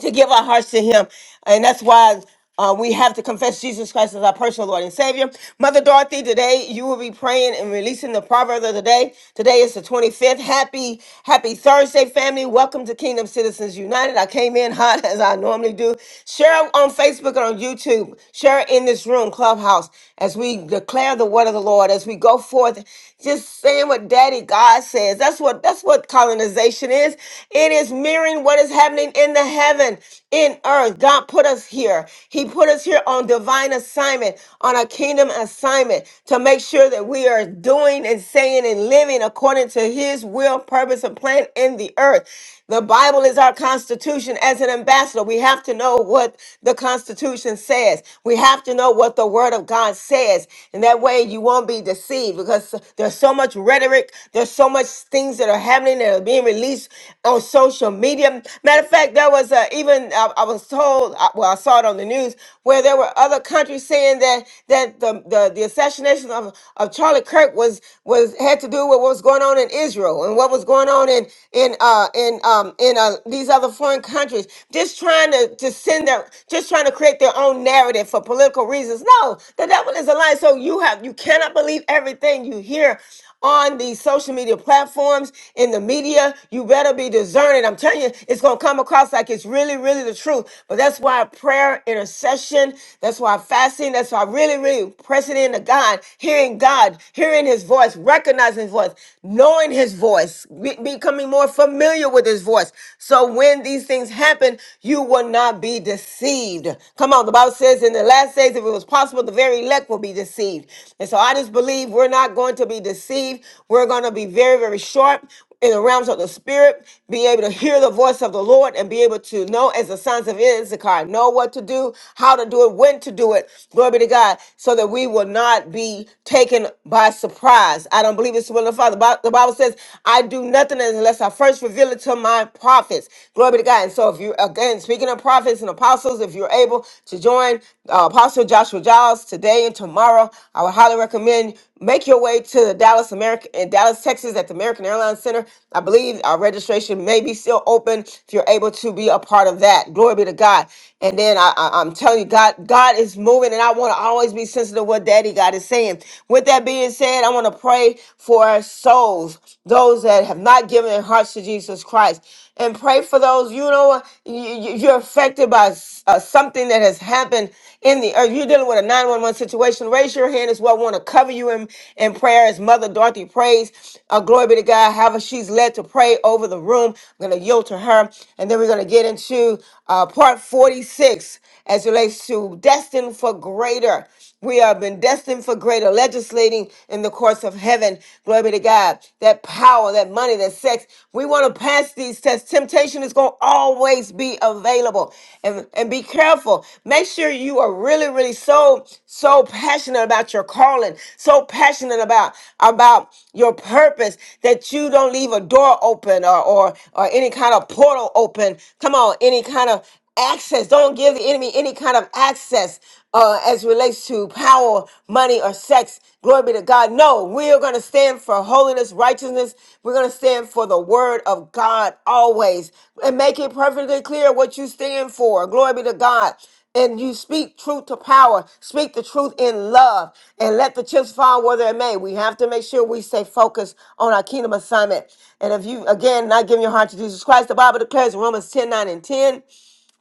S1: to give our hearts to Him. And that's why uh, we have to confess Jesus Christ as our personal Lord and Savior. Mother Dorothy, today you will be praying and releasing the proverb of the day. Today is the 25th. Happy, happy Thursday, family. Welcome to Kingdom Citizens United. I came in hot as I normally do. Share on Facebook and on YouTube. Share in this room, Clubhouse as we declare the word of the Lord, as we go forth, just saying what Daddy God says. That's what that's what colonization is. It is mirroring what is happening in the heaven, in earth. God put us here. He put us here on divine assignment, on a kingdom assignment, to make sure that we are doing and saying and living according to His will, purpose, and plan in the earth. The Bible is our Constitution as an ambassador. We have to know what the Constitution says. We have to know what the Word of God says. And that way you won't be deceived because there's so much rhetoric. There's so much things that are happening that are being released on social media. Matter of fact, there was a, even, I, I was told, I- well, I saw it on the news, where there were other countries saying that that the, the, the assassination of, of Charlie Kirk was, was had to do with what was going on in Israel and what was going going on in in uh in um in uh these other foreign countries, just trying to to send their just trying to create their own narrative for political reasons. No, the devil is a lie. So you have you cannot believe everything you hear on these social media platforms, in the media, you better be discerning. I'm telling you, it's going to come across like it's really, really the truth. But that's why prayer, intercession, that's why fasting, that's why really, really pressing into God, hearing God, hearing His voice, recognizing His voice voice, knowing his voice, be- becoming more familiar with his voice. So when these things happen, you will not be deceived. Come on, the Bible says in the last days, if it was possible, the very elect will be deceived. And so I just believe we're not going to be deceived. We're going to be very, very sharp in the realms of the spirit, be able to hear the voice of the Lord and be able to know as the sons of Issachar, know what to do, how to do it, when to do it. Glory be to God, so that we will not be taken by surprise. I don't believe it's the will of the Father. Bi- The Bible says, I do nothing unless I first reveal it to my prophets. Glory be to God. And so if you again speaking of prophets and apostles, if you're able to join uh, Apostle Joshua Giles today and tomorrow, I would highly recommend Make your way to the Dallas America in Dallas, Texas, at the American Airlines Center. I believe our registration may be still open if you're able to be a part of that. Glory be to God. And then I, I, am telling you, God, God is moving, and I want to always be sensitive to what Daddy God is saying. With that being said, I want to pray for souls, those that have not given their hearts to Jesus Christ and pray for those you know what, you, you- you're affected by s- uh, something that has happened in the earth you're dealing with a 911 situation raise your hand as well We want to cover you in, in prayer as mother dorothy prays uh, glory be to god however she's led to pray over the room i'm going to yield to her and then we're going to get into uh, part 46 as it relates to destined for greater we have been destined for greater legislating in the courts of heaven. Glory be to God. That power, that money, that sex. We want to pass these tests. Temptation is going to always be available. And, and be careful. Make sure you are really, really so, so passionate about your calling, so passionate about, about your purpose that you don't leave a door open or, or, or any kind of portal open. Come on, any kind of access. Don't give the enemy any kind of access uh, as relates to power, money, or sex. Glory be to God. No, we are going to stand for holiness, righteousness. We're going to stand for the word of God always and make it perfectly clear what you stand for. Glory be to God. And you speak truth to power, speak the truth in love, and let the chips fall where they may. We have to make sure we stay focused on our kingdom assignment. And if you, again, not giving your heart to Jesus Christ, the Bible declares in Romans 10 9 and 10.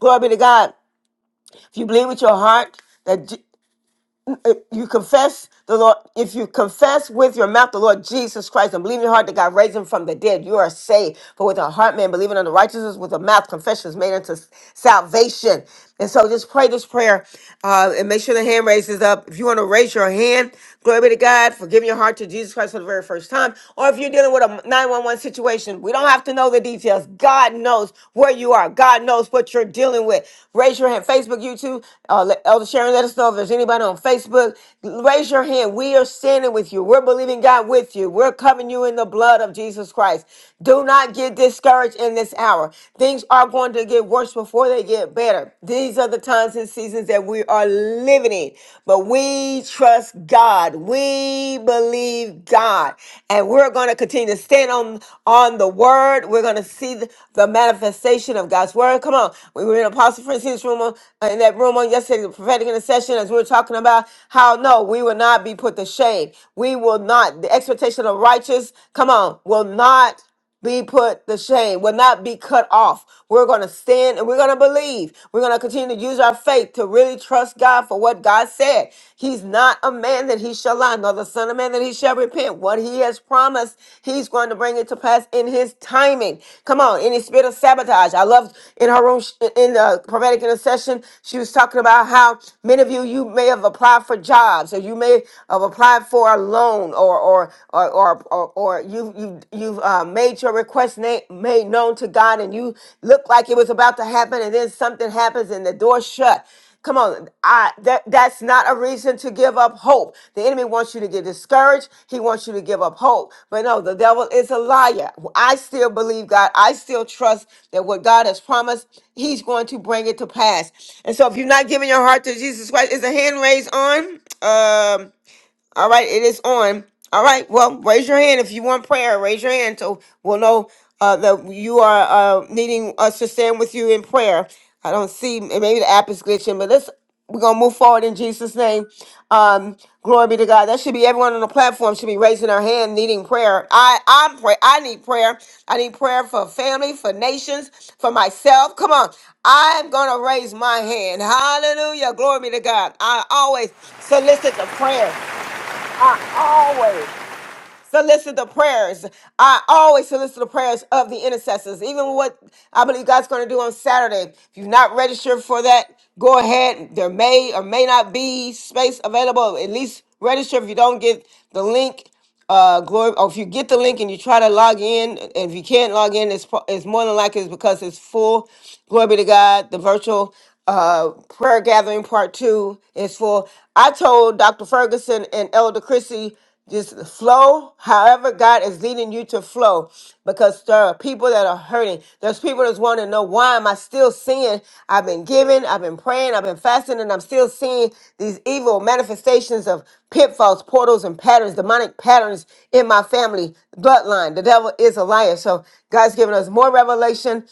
S1: Glory be to God. If you believe with your heart that Je- if you confess the Lord, if you confess with your mouth the Lord Jesus Christ and believe in your heart that God raised him from the dead, you are saved. For with a heart man believing unto righteousness, with a mouth confession is made unto s- salvation. And so just pray this prayer uh, and make sure the hand raises up. If you want to raise your hand, glory be to God for giving your heart to Jesus Christ for the very first time. Or if you're dealing with a 911 situation, we don't have to know know the details. God knows where you are. God knows what you're dealing with. Raise your hand. Facebook, YouTube, uh, let- Elder Sharon, let us know if there's anybody on Facebook. Raise your hand. We are standing with you. We're believing God with you. We're covering you in the blood of Jesus Christ. Do not get discouraged in this hour. Things are going to get worse before they get better. These are the times and seasons that we are living in beginning. But we trust God. We believe God. And we're going to continue to stand on, on the word. We're going to see the, the manifestation of God's word. Come on. We were in Apostle Francine's room on- in that room on yesterday, the prophetic intercession, as we were talking about how no, we will not be put to shame. We will not, the expectation of righteous, come on, will not be put to shame, will not be cut off. We're going to stand and we're going to believe. We're going to continue to use our faith to really trust God for what God said. He's not a man that he shall lie, nor the son of man that he shall repent. What he has promised, he's going to bring it to pass in his timing. Come on, any spirit of sabotage. I loved in her room, sh- in the prophetic intercession, she was talking about how many of you, you may have applied for jobs or you may have applied for a loan or, or, or or or or, or you you you've uh, made your request na- made known to God, and you look like it was about to happen, and then something happens, and the door shut. Come on, I that that's not a reason to give up hope. The enemy wants you to get discouraged. He wants you to give up hope. But no, the devil is a liar. I still believe God. I still trust that what God has promised, He's going to bring it to pass. And so, if you're not giving your heart to Jesus Christ, is the hand raised on? Um, all right, it is on. All right, well, raise your hand if you want prayer. Raise your hand so we'll know uh, that you are uh, needing us to stand with you in prayer. I don't see, and maybe the app is glitching, but let's we're gonna move forward in Jesus' name. Um, glory be to God. That should be everyone on the platform should be raising their hand, needing prayer. I I'm pray. I need prayer. I need prayer for family, for nations, for myself. Come on, I'm gonna raise my hand. Hallelujah. Glory be to God. I always solicit the prayer. I always Solicit the prayers. I always solicit the prayers of the intercessors. Even what I believe God's going to do on Saturday. If you're not registered for that, go ahead. There may or may not be space available. At least register if you don't get the link uh glory or if you get the link and you try to log in and if you can't log in it's, pro- it's more than likely it's because it's full glory be to god the virtual uh prayer gathering part two is full i told dr ferguson and elder chrissy just flow however God is leading you to flow because there are people that are hurting. There's people that's want to know why am I still seeing? I've been giving, I've been praying, I've been fasting, and I'm still seeing these evil manifestations of pitfalls, portals, and patterns, demonic patterns in my family bloodline. The devil is a liar. So God's given us more revelation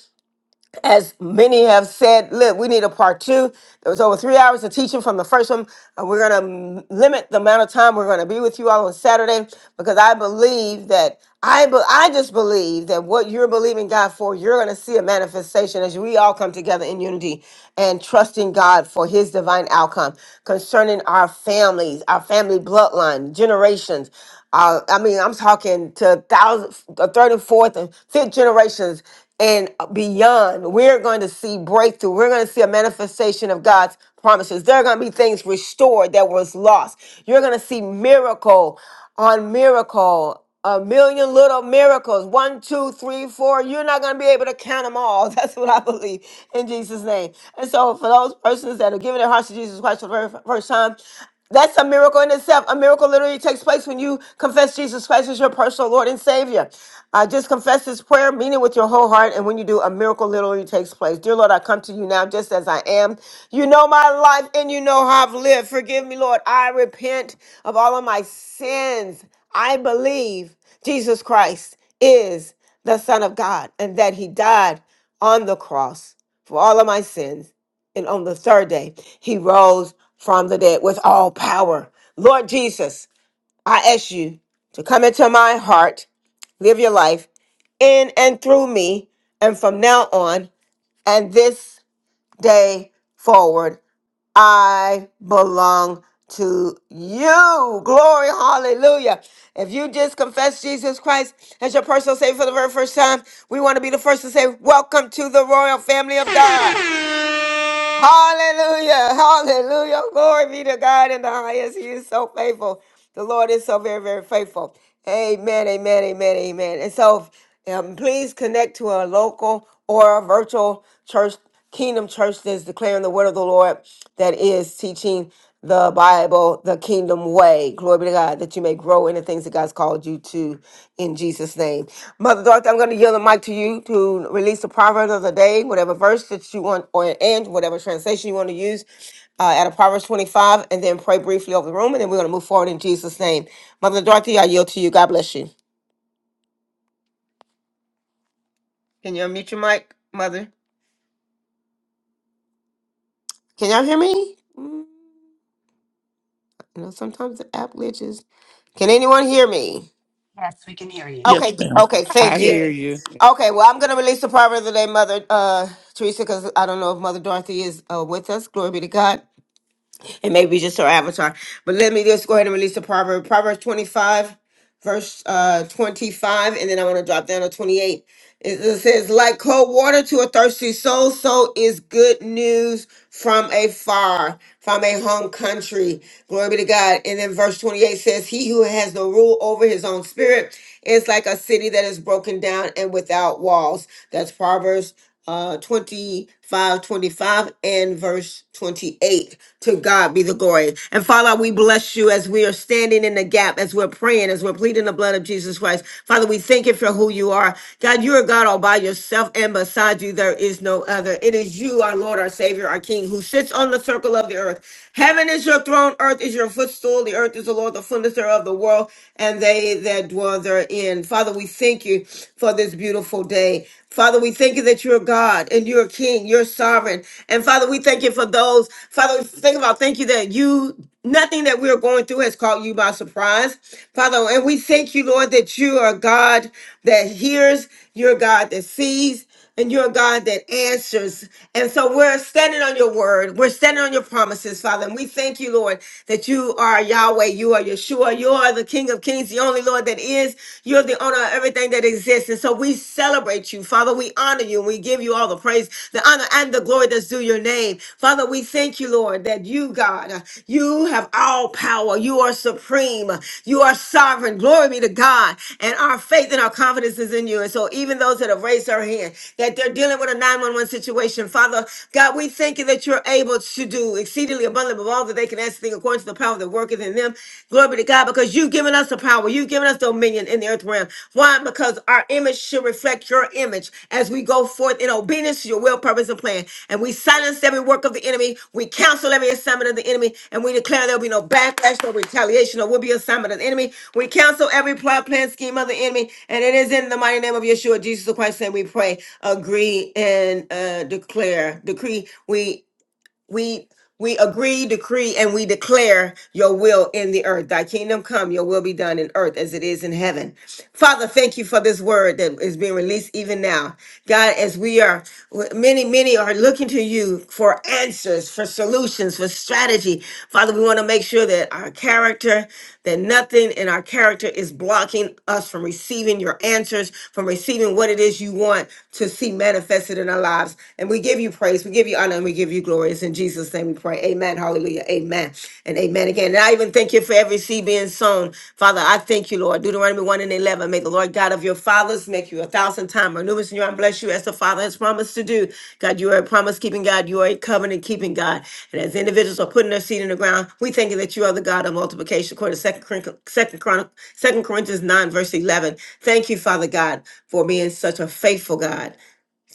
S1: as many have said, look, we need a part two. There was over three hours of teaching from the first one. Uh, we're going to limit the amount of time we're going to be with you all on Saturday because I believe that I, be- I just believe that what you're believing God for, you're going to see a manifestation as we all come together in unity and trusting God for His divine outcome concerning our families, our family bloodline, generations. Uh, I mean, I'm talking to thousands, the third and fourth and fifth generations and beyond. We're going to see breakthrough. We're going to see a manifestation of God's promises. There are going to be things restored that was lost. You're going to see miracle on miracle a million little miracles. One, two, three, four. You're not going to be able to count them all. That's what I believe in Jesus' name. And so, for those persons that are giving their hearts to Jesus Christ for the very first time, that's a miracle in itself. A miracle literally takes place when you confess Jesus Christ as your personal Lord and Savior. Uh, just confess this prayer, mean it with your whole heart, and when you do, a miracle literally takes place. Dear Lord, I come to you now just as I am. You know my life and you know how I've lived. Forgive me, Lord. I repent of all of my sins. I believe Jesus Christ is the Son of God and that He died on the cross for all of my sins. And on the third day, he rose from the dead with all power. Lord Jesus, I ask you to come into my heart, live your life in and through me. And from now on, and this day forward, I belong to you. Glory, hallelujah. If you just confess Jesus Christ as your personal Savior for the very first time, we want to be the first to say, Welcome to the royal family of God. Hallelujah. Hallelujah. Glory be to God in the highest. He is so faithful. The Lord is so very, very faithful. Amen. Amen. Amen. Amen. And so um, please connect to a local or a virtual church, Kingdom Church that's declaring the word of the Lord that is teaching the Bible, the kingdom way. Glory be to God that you may grow in the things that God's called you to in Jesus' name. Mother Dorothy, I'm going to yield the mic to you to release the proverb of the day, whatever verse that you want, or and whatever translation you want to use uh, out of Proverbs 25, and then pray briefly over the room, and then we're going to move forward in Jesus' name. Mother Dorothy, I yield to you. God bless you. Can you unmute your mic, Mother? Can y'all hear me? Mm, You know, sometimes the app glitches. Can anyone hear me?
S3: we can hear you.
S1: Okay,
S4: Yes, ma'am.
S1: okay,
S8: I
S1: thank you.
S8: hear you.
S1: Okay, well, I'm going to release the proverb of the day, Mother uh, Teresa, because I don't know if Mother Dorothy is uh, with us. Glory be to God and maybe just her avatar. But let me just go ahead and release the proverb. Proverbs 25, verse uh 25, and then I want to drop down to 28. It it says, like cold water to a thirsty soul, so is good news from afar, from a home country. Glory be to God. And then verse 28 says, He who has no rule over his own spirit is like a city that is broken down and without walls. That's Proverbs uh 25 25 and verse 28 to god be the glory and father we bless you as we are standing in the gap as we're praying as we're pleading the blood of jesus christ father we thank you for who you are god you are god all by yourself and beside you there is no other it is you our lord our savior our king who sits on the circle of the earth heaven is your throne earth is your footstool the earth is the lord the fullness thereof the world and they that dwell therein father we thank you you for this beautiful day. Father, we thank you that you're God and you're King, you're sovereign. And Father, we thank you for those. Father, we think about thank you that you nothing that we're going through has caught you by surprise. Father, and we thank you, Lord, that you are God that hears, you're God that sees and you're a God that answers. And so we're standing on your word. We're standing on your promises, Father. And we thank you, Lord, that you are Yahweh. You are Yeshua. You are the King of Kings, the only Lord that is. You're the owner of everything that exists. And so we celebrate you, Father. We honor you and we give you all the praise, the honor, and the glory that's due your name. Father, we thank you, Lord, that you, God, you have all power. You are supreme. You are sovereign. Glory be to God. And our faith and our confidence is in you. And so, even those that have raised their hand, that they're dealing with a 911 situation, Father God, we thank you that you're able to do exceedingly abundantly above all that they can ask, thing according to the power that worketh in them. Glory be to God, because you've given us the power. You've given us dominion in the earth realm. Why? because our image should reflect your image as we go forth in obedience to your will, purpose, and plan. And we silence every work of the enemy. We counsel every assignment of the enemy. And we declare there'll be no backlash, no retaliation, or will be assignment of the enemy. We counsel every plot, plan, scheme of the enemy. And it is in the mighty name of Yeshua, Jesus Christ, and we pray, agree, and uh, declare, decree. We we we agree, decree, and we declare your will in the earth. Thy kingdom come, your will be done in earth as it is in heaven. Father, thank you for this word that is being released even now. God, as we are, many, many are looking to you for answers, for solutions, for strategy. Father, we want to make sure that our character, that nothing in our character is blocking us from receiving your answers, from receiving what it is you want to see manifested in our lives. And we give you give you praise. We give you honor and we give you glory. It's in Jesus' name we pray. Amen. Hallelujah. Amen. And amen again. And I even thank you for every seed being sown. Father, I thank you, Lord. Deuteronomy 1 and 11. May the Lord God of your fathers make you a thousand times more numerous in your arm. Bless you as the Father has promised to do. God, you are a promise keeping God. You are a covenant keeping God. And as individuals are putting their seed in the ground, we thank you that you are the God of multiplication. According to Second Corinth- 2 Chron- 2 Corinthians 9, verse 11. Thank you, Father God, for being such a faithful God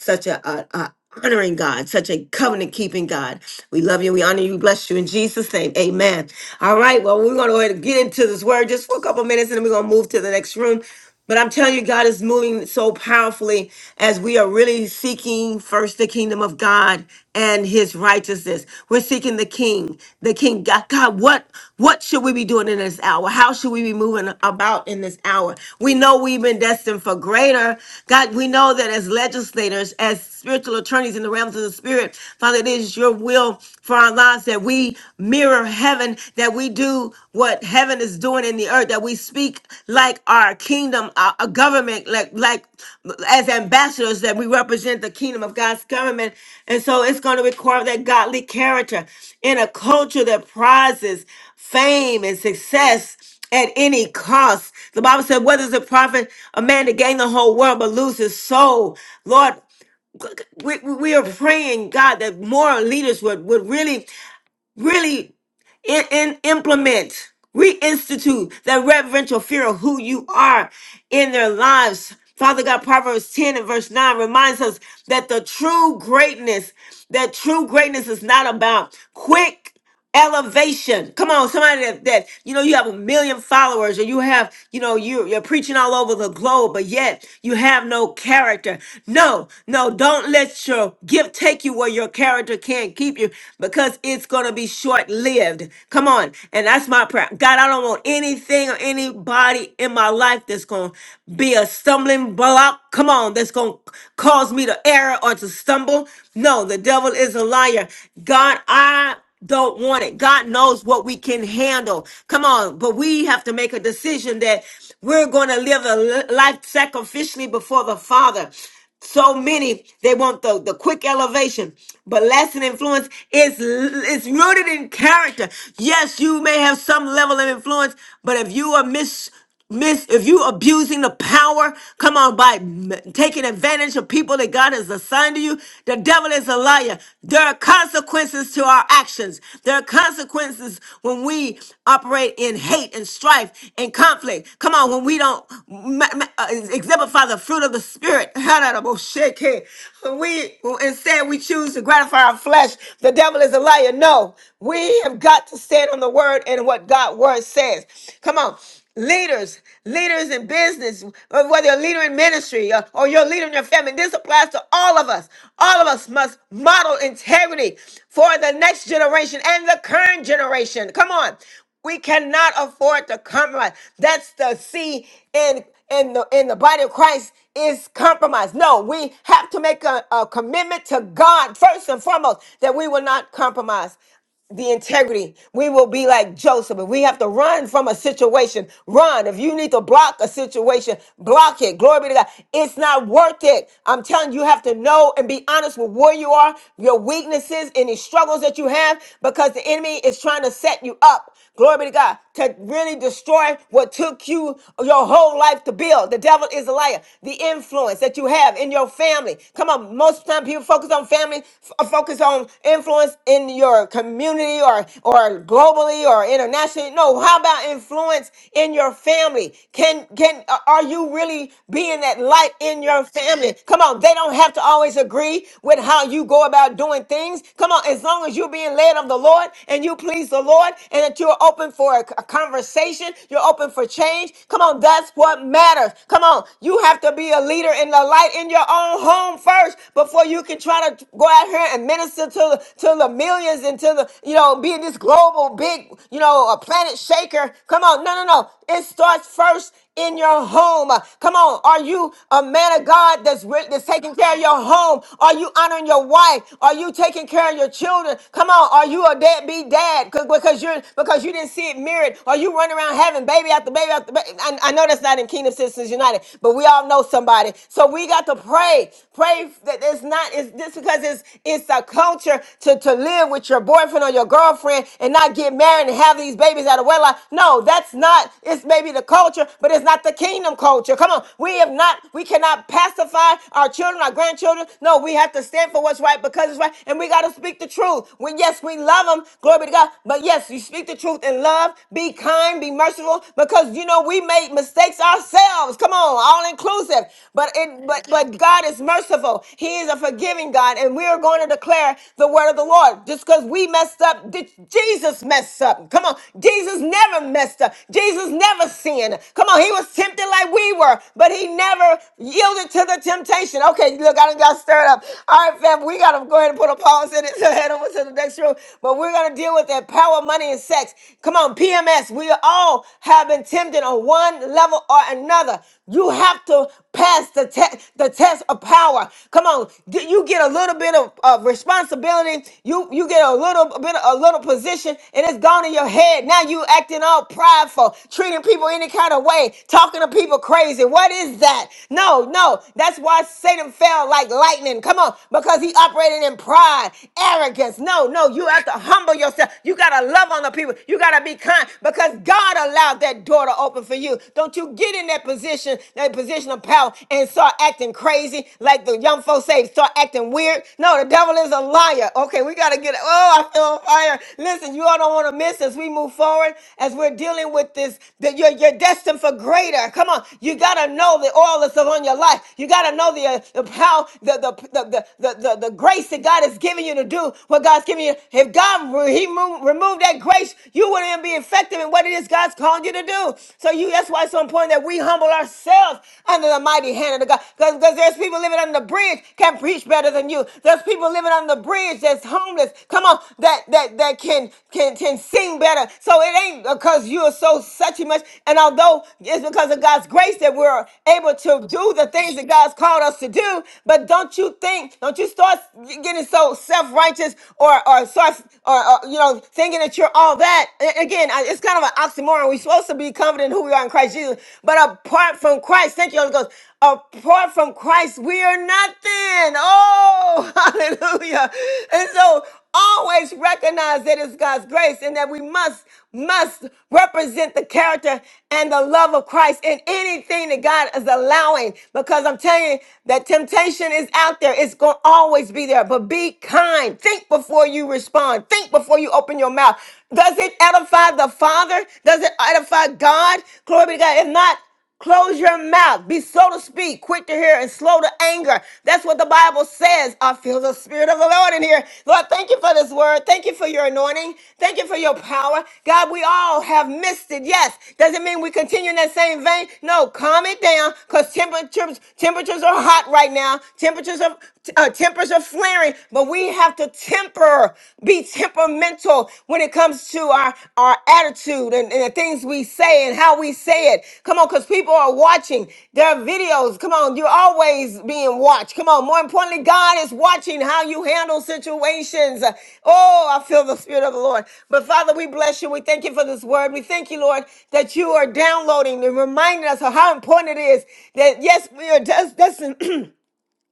S1: such a, a, a honoring God, such a covenant keeping God. We love you. We honor you. We Bless you in Jesus' name. Amen. All right. Well, we're going to go ahead and get into this word just for a couple minutes and then we're going to move to the next room. But I'm telling you, God is moving so powerfully as we are really seeking first the kingdom of God and his righteousness. We're seeking the King, the King. God, God, what what should we be doing in this hour? How should we be moving about in this hour? We know we've been destined for greater. God, we know that as legislators, as spiritual attorneys in the realms of the spirit, Father, it is your will for our lives that we mirror heaven, that we do what heaven is doing in the earth that we speak like our kingdom our, our government like like as ambassadors that we represent the kingdom of god's government and so it's going to require that godly character in a culture that prizes fame and success at any cost the bible said what does it profit a man to gain the whole world but lose his soul lord we, we we are praying god that more leaders would would really really in, in implement, reinstitute that reverential fear of who you are in their lives. Father God, Proverbs 10 and verse 9 reminds us that the true greatness, that true greatness is not about quick elevation. Come on, somebody that, that you know you have a million followers or you have, you know, you you're preaching all over the globe, but yet you have no character. No, no, don't let your gift take you where your character can't keep you because it's gonna be short-lived lived. Come on. And that's my prayer. God, I don't want anything or anybody in my life that's going to be a stumbling block. Come on. That's going to cause me to err or to stumble. No, the devil is a liar. God, I don't want it. God knows what we can handle. Come on, but we have to make a decision that we're going to live a li- life sacrificially before the Father. So many they want the, the quick elevation, but lasting influence is it's rooted in character. Yes, you may have some level of influence, but if you are mis miss if you abusing the power come on by m- taking advantage of people that god has assigned to you the devil is a liar there are consequences to our actions there are consequences places when we operate in hate and strife and conflict. Come on, when we don't ma- ma- uh, exemplify the fruit of the spirit, when we instead we choose to gratify our flesh. The devil is a liar. No, we have got to stand on the word and what God's word says. Come on leaders, leaders in business, or whether you're a leader in ministry or, or you're a leader in your family. This applies to all of us. All of us must model integrity for the next generation and the current generation. Come on. We cannot afford to compromise. That's the C in in the in the body of Christ is compromise. No, we have to make a, a commitment to God first and foremost that we will not compromise the integrity. We will be like Joseph. If we have to run from a situation, run. If you need to block a situation, block it. Glory be to God. It's not worth it. I'm telling you, you have to know and be honest with where you are, your weaknesses, any struggles that you have, because the enemy is trying to set you up. Glory be to God. To really destroy what took you your whole life to build. The devil is a liar. The influence that you have in your family. Come on, most of the time people focus on family, f- focus on influence in your community or, or globally or internationally. No, how about influence in your family? Can, can, are you really being that light in your family? Come on. They don't have to always agree with how you go about doing things. Come on. As long as you're being led of the Lord and you please the Lord and that you're open for a, a conversation, you're open for change. Come on. That's what matters. Come on. You have to be a leader in the light in your own home first before you can can try to go out here and minister to the, to the millions and to the, you know, being this global big, you know, a planet shaker. Come on. No, no, no. It starts first in your home. Come on. Are you a man of God that's, re- that's taking care of your home? Are you honoring your wife? Are you taking care of your children? Come on. Are you a deadbeat dad 'Cause- because you're, because you didn't see it mirrored? Are you running around having baby after baby after baby? I, I know that's not in Kingdom Citizens United, but we all know somebody. So we got to pray pray. Pray that it's not, it's just because it's it's a culture to, to live with your boyfriend or your girlfriend and not get married and have these babies out of wedlock. No, that's not, it's maybe the culture, but it's not the kingdom culture. Come on. We have not, we cannot pacify our children, our grandchildren. No, we have to stand for what's right because it's right. And we got to speak the truth. When yes, we love them, glory be to God. But yes, you speak the truth in love, be kind, be merciful, because you know we make mistakes ourselves. Come on, all included inclusive, but it but but God is merciful. He is a forgiving God, and we are going to declare the word of the Lord. Just because we messed up, did Jesus messed up. Come on, Jesus never messed up. Jesus never sinned. Come on, he was tempted like we were, but he never yielded to the temptation. Okay, look, I done got stirred up. All right, fam, we gotta go ahead and put a pause in it so head over to the next room. But we're gonna deal with that power, money, and sex. Come on, PMS. We all have been tempted on one level level or another. You have to pass the, te- the test of power. Come on, Get- you get a little bit of, of responsibility. You you get a little bit, of a little position, and it's gone in your head. Now you acting all prideful, treating people any kind of way, talking to people crazy. What is that? No, no, that's why Satan fell like lightning. Come on, because he operated in pride, arrogance. No, no, you have to humble yourself. You gotta love on the people. You gotta be kind because God allows allowed that door to open for you. Don't you get in that position, that position of power, and start acting crazy like the young folks say, start acting weird. No, the devil is a liar. Okay, we got to get, oh, I feel on fire. Listen, you all don't want to miss as we move forward, as we're dealing with this, that you're, you're destined for greater. Come on, you got to know the oil that's upon your life. You got to know the, uh, the power, the, the, the, the, the, the, the grace that God has given you to do what God's giving you. If God, re- he move, removed that grace, you you wouldn't be effective in what it is God's called you to do. So you, that's why it's so important that we humble ourselves under the mighty hand of the God. Because there's people living under the bridge can preach better than you. There's people living under the bridge that's homeless. Come on, that that that can can can sing better. So it ain't because you are so such a much. And although it's because of God's grace that we're able to do the things that God's called us to do, but don't you think? Don't you start getting so self righteous or or, or, or uh, you know, thinking that you're all that. A- Again, I- it's kind of an oxymoron. We're supposed to be confident in who we are in Christ Jesus, but apart from Christ, thank you, Holy Ghost. Apart from Christ, we are nothing. Oh, hallelujah! And so, always recognize that it's God's grace, and that we must must represent the character and the love of Christ in anything that God is allowing. Because I'm telling you, that temptation is out there. It's going to always be there. But be kind time. Think before you respond. Think before you open your mouth. Does it edify the Father? Does it edify God? Glory be to God. If not, Close your mouth. Be slow to speak, quick to hear, and slow to anger. That's what the Bible says. I feel the Spirit of the Lord in here. Lord, thank you for this word. Thank you for your anointing. Thank you for your power. God, we all have missed it. Yes. Doesn't mean we continue in that same vein. No, calm it down because temperatures, temperatures are hot right now. Temperatures are, uh, temperatures tempers are flaring, but we have to temper, be temperamental when it comes to our, our attitude and, and the things we say and how we say it. Come on, because people are watching. their videos. Come on, you're always being watched. Come on. More importantly, God is watching how you handle situations. Oh, I feel the Spirit of the Lord. But Father, we bless you. We thank you for this word. We thank you, Lord, that you are downloading and reminding us of how important it is that, yes, we are just, that's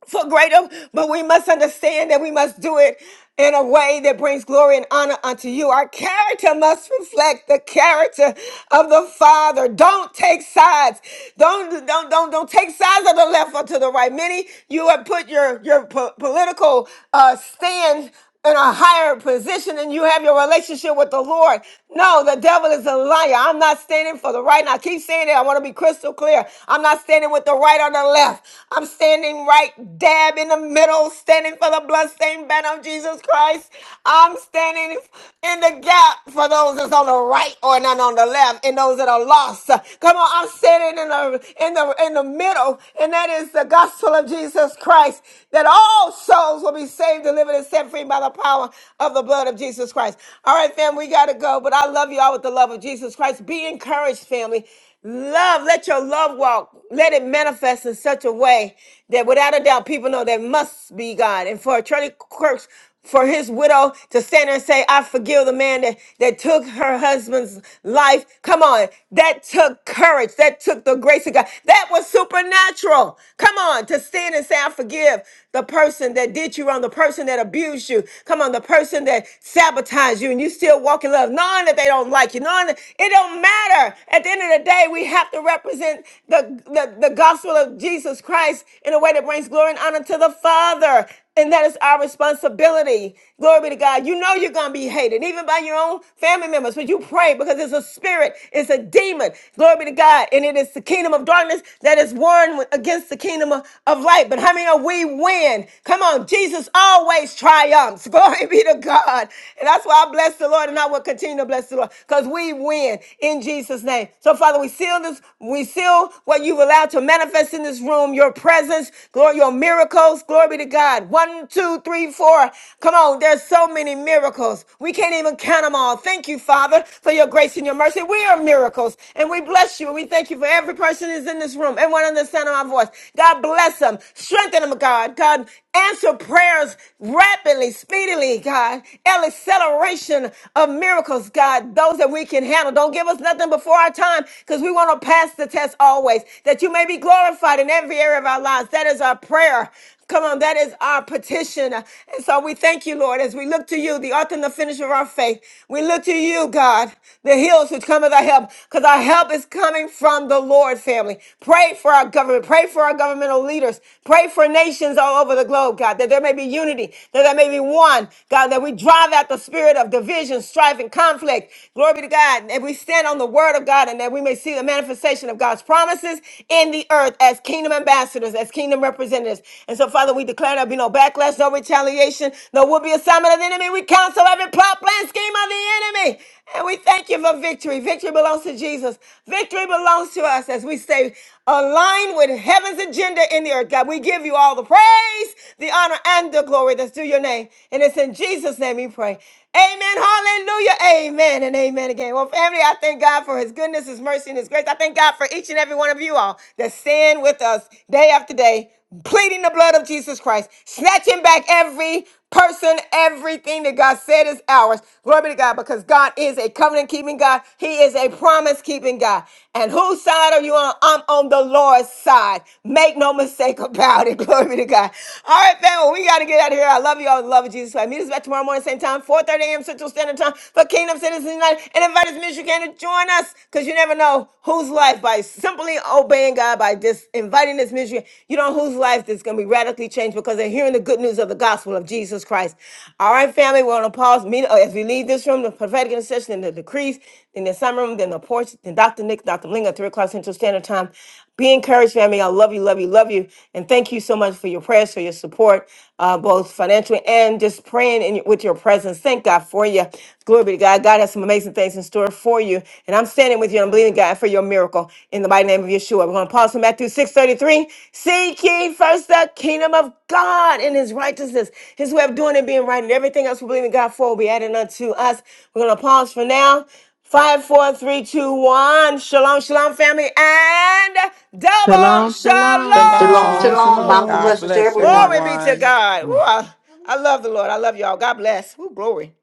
S1: for greater, but we must understand that we must do it in a way that brings glory and honor unto you. Our character must reflect the character of the Father. Don't take sides. Don't don't don't don't take sides of the left or to the right. Many you have put your your po- political uh, stand in a higher position and you have your relationship with the Lord. No, the devil is a liar. I'm not standing for the right. And I keep saying that. I want to be crystal clear. I'm not standing with the right or the left. I'm standing right dab in the middle, standing for the bloodstained banner of Jesus Christ. I'm standing in the gap for those that's on the right or not on the left and those that are lost. Come on, I'm standing in the in the in the middle, and that is the gospel of Jesus Christ, that all souls will be saved, delivered, and set set free by the power of the blood of Jesus Christ. All right, fam, we got to go, but I love you all with the love of Jesus Christ. Be encouraged, family. Love, let your love walk, let it manifest in such a way that without a doubt people know that must be God. And for Attorney quirks, for his widow to stand there and say, I forgive the man that, that took her husband's life. Come on. That took courage. That took the grace of God. That was supernatural. Come on. To stand and say, I forgive the person that did you wrong, the person that abused you. Come on, the person that sabotaged you and you still walk in love. Knowing that they don't like you. Knowing that it don't matter. At the end of the day, we have to represent the, the, the gospel of Jesus Christ in a way that brings glory and honor to the Father. And that is our responsibility. Glory be to God. You know you're going to be hated, even by your own family members, but you pray because it's a spirit, it's a demon. Glory be to God. And it is the kingdom of darkness that is warring with- against the kingdom of, of light. But how many are we win. Come on, Jesus always triumphs. Glory be to God. And that's why I bless the Lord and I will continue to bless the Lord because we win in Jesus' name. So, Father, we seal this, we seal what you've allowed to manifest in this room, your presence, glory, your miracles. Glory be to God. One, two, three, four. Come on, there's so many miracles. We can't even count them all. Thank you, Father, for your grace and your mercy. We are miracles and we bless you and we thank you for every person who's in this room, everyone on the sound of my voice. God bless them, strengthen them, God. God. God, answer prayers rapidly, speedily, God. An acceleration of miracles, God. Those that we can handle. Don't give us nothing before our time because we want to pass the test always. That you may be glorified in every area of our lives. That is our prayer Come on, that is our petition. And so we thank you, Lord, as we look to you, the author and the finisher of our faith. We look to you, God, the hills which come with our help, because our help is coming from the Lord, family. Pray for our government. Pray for our governmental leaders. Pray for nations all over the globe, God, that there may be unity, that there may be one, God, that we drive out the spirit of division, strife, and conflict. Glory be to God. And we stand on the word of God and that we may see the manifestation of God's promises in the the earth as kingdom ambassadors, as kingdom representatives. And so, Father, we declare there'll be no backlash, no retaliation, no will be assignment of the enemy. We counsel every plot, plan, scheme of the enemy. And we thank you for victory. Victory belongs to Jesus. Victory belongs to us as we stay aligned with heaven's agenda in the earth. God, we give you all the praise, the honor, and the glory that's due your name. And it's in Jesus' name we pray. Amen. Hallelujah. Amen. And amen again. Well, family, I thank God for his good goodness, His mercy, and His grace. I thank God for each and every one of you all that stand with us day after day, pleading the blood of Jesus Christ, snatching back every person, everything that God said is ours. Glory be to God, because God is a covenant keeping God. He is a promise keeping God. And whose side are you on? I'm on the Lord's side. Make no mistake about it. Glory be to God. All right, family, we got to get out of here. I love you all. the Love of Jesus. Christ. Meet us back tomorrow morning, same time, 4 30 a.m. Central Standard Time. Patreon for Kingdom Citizens United and invite as many as you can to join us because you never know whose life by simply obeying God, by just inviting this ministry, you do know whose life is going to be radically changed because they're hearing the good news of the gospel of Jesus Christ. All right, family, we're going to pause meet, oh, as we leave this room, the prophetic intercession, and the decrees, then the summer room, then the porch, then Dr. Nick, Dr. Ling at 3 o'clock Central Standard Time. Be encouraged, family. I love you, love you, love you. And thank you so much for your prayers, for your support, uh, both financially and just praying in, with your presence. Thank God for you. Glory be to God. God has some amazing things in store for you. And I'm standing with you. and I'm believing God for your miracle in the mighty name of Yeshua. We're going to pause in Matthew 6.33. Seek ye first the kingdom of God and his righteousness, his way of doing and being right, and everything else we believe in God for will be added unto us. We're going to pause for now. Five, four, three, two, one. Shalom, shalom, family, and double
S12: Shalom, shalom.
S10: Shalom,
S8: Shalom.
S10: shalom.
S1: shalom.
S10: Mountain
S7: shalom.
S8: God
S10: blessings to
S8: bless
S10: everyone.
S1: Glory be to
S8: everyone.
S1: God. Ooh, I, I love the Lord. I love y'all. God bless. Ooh, glory.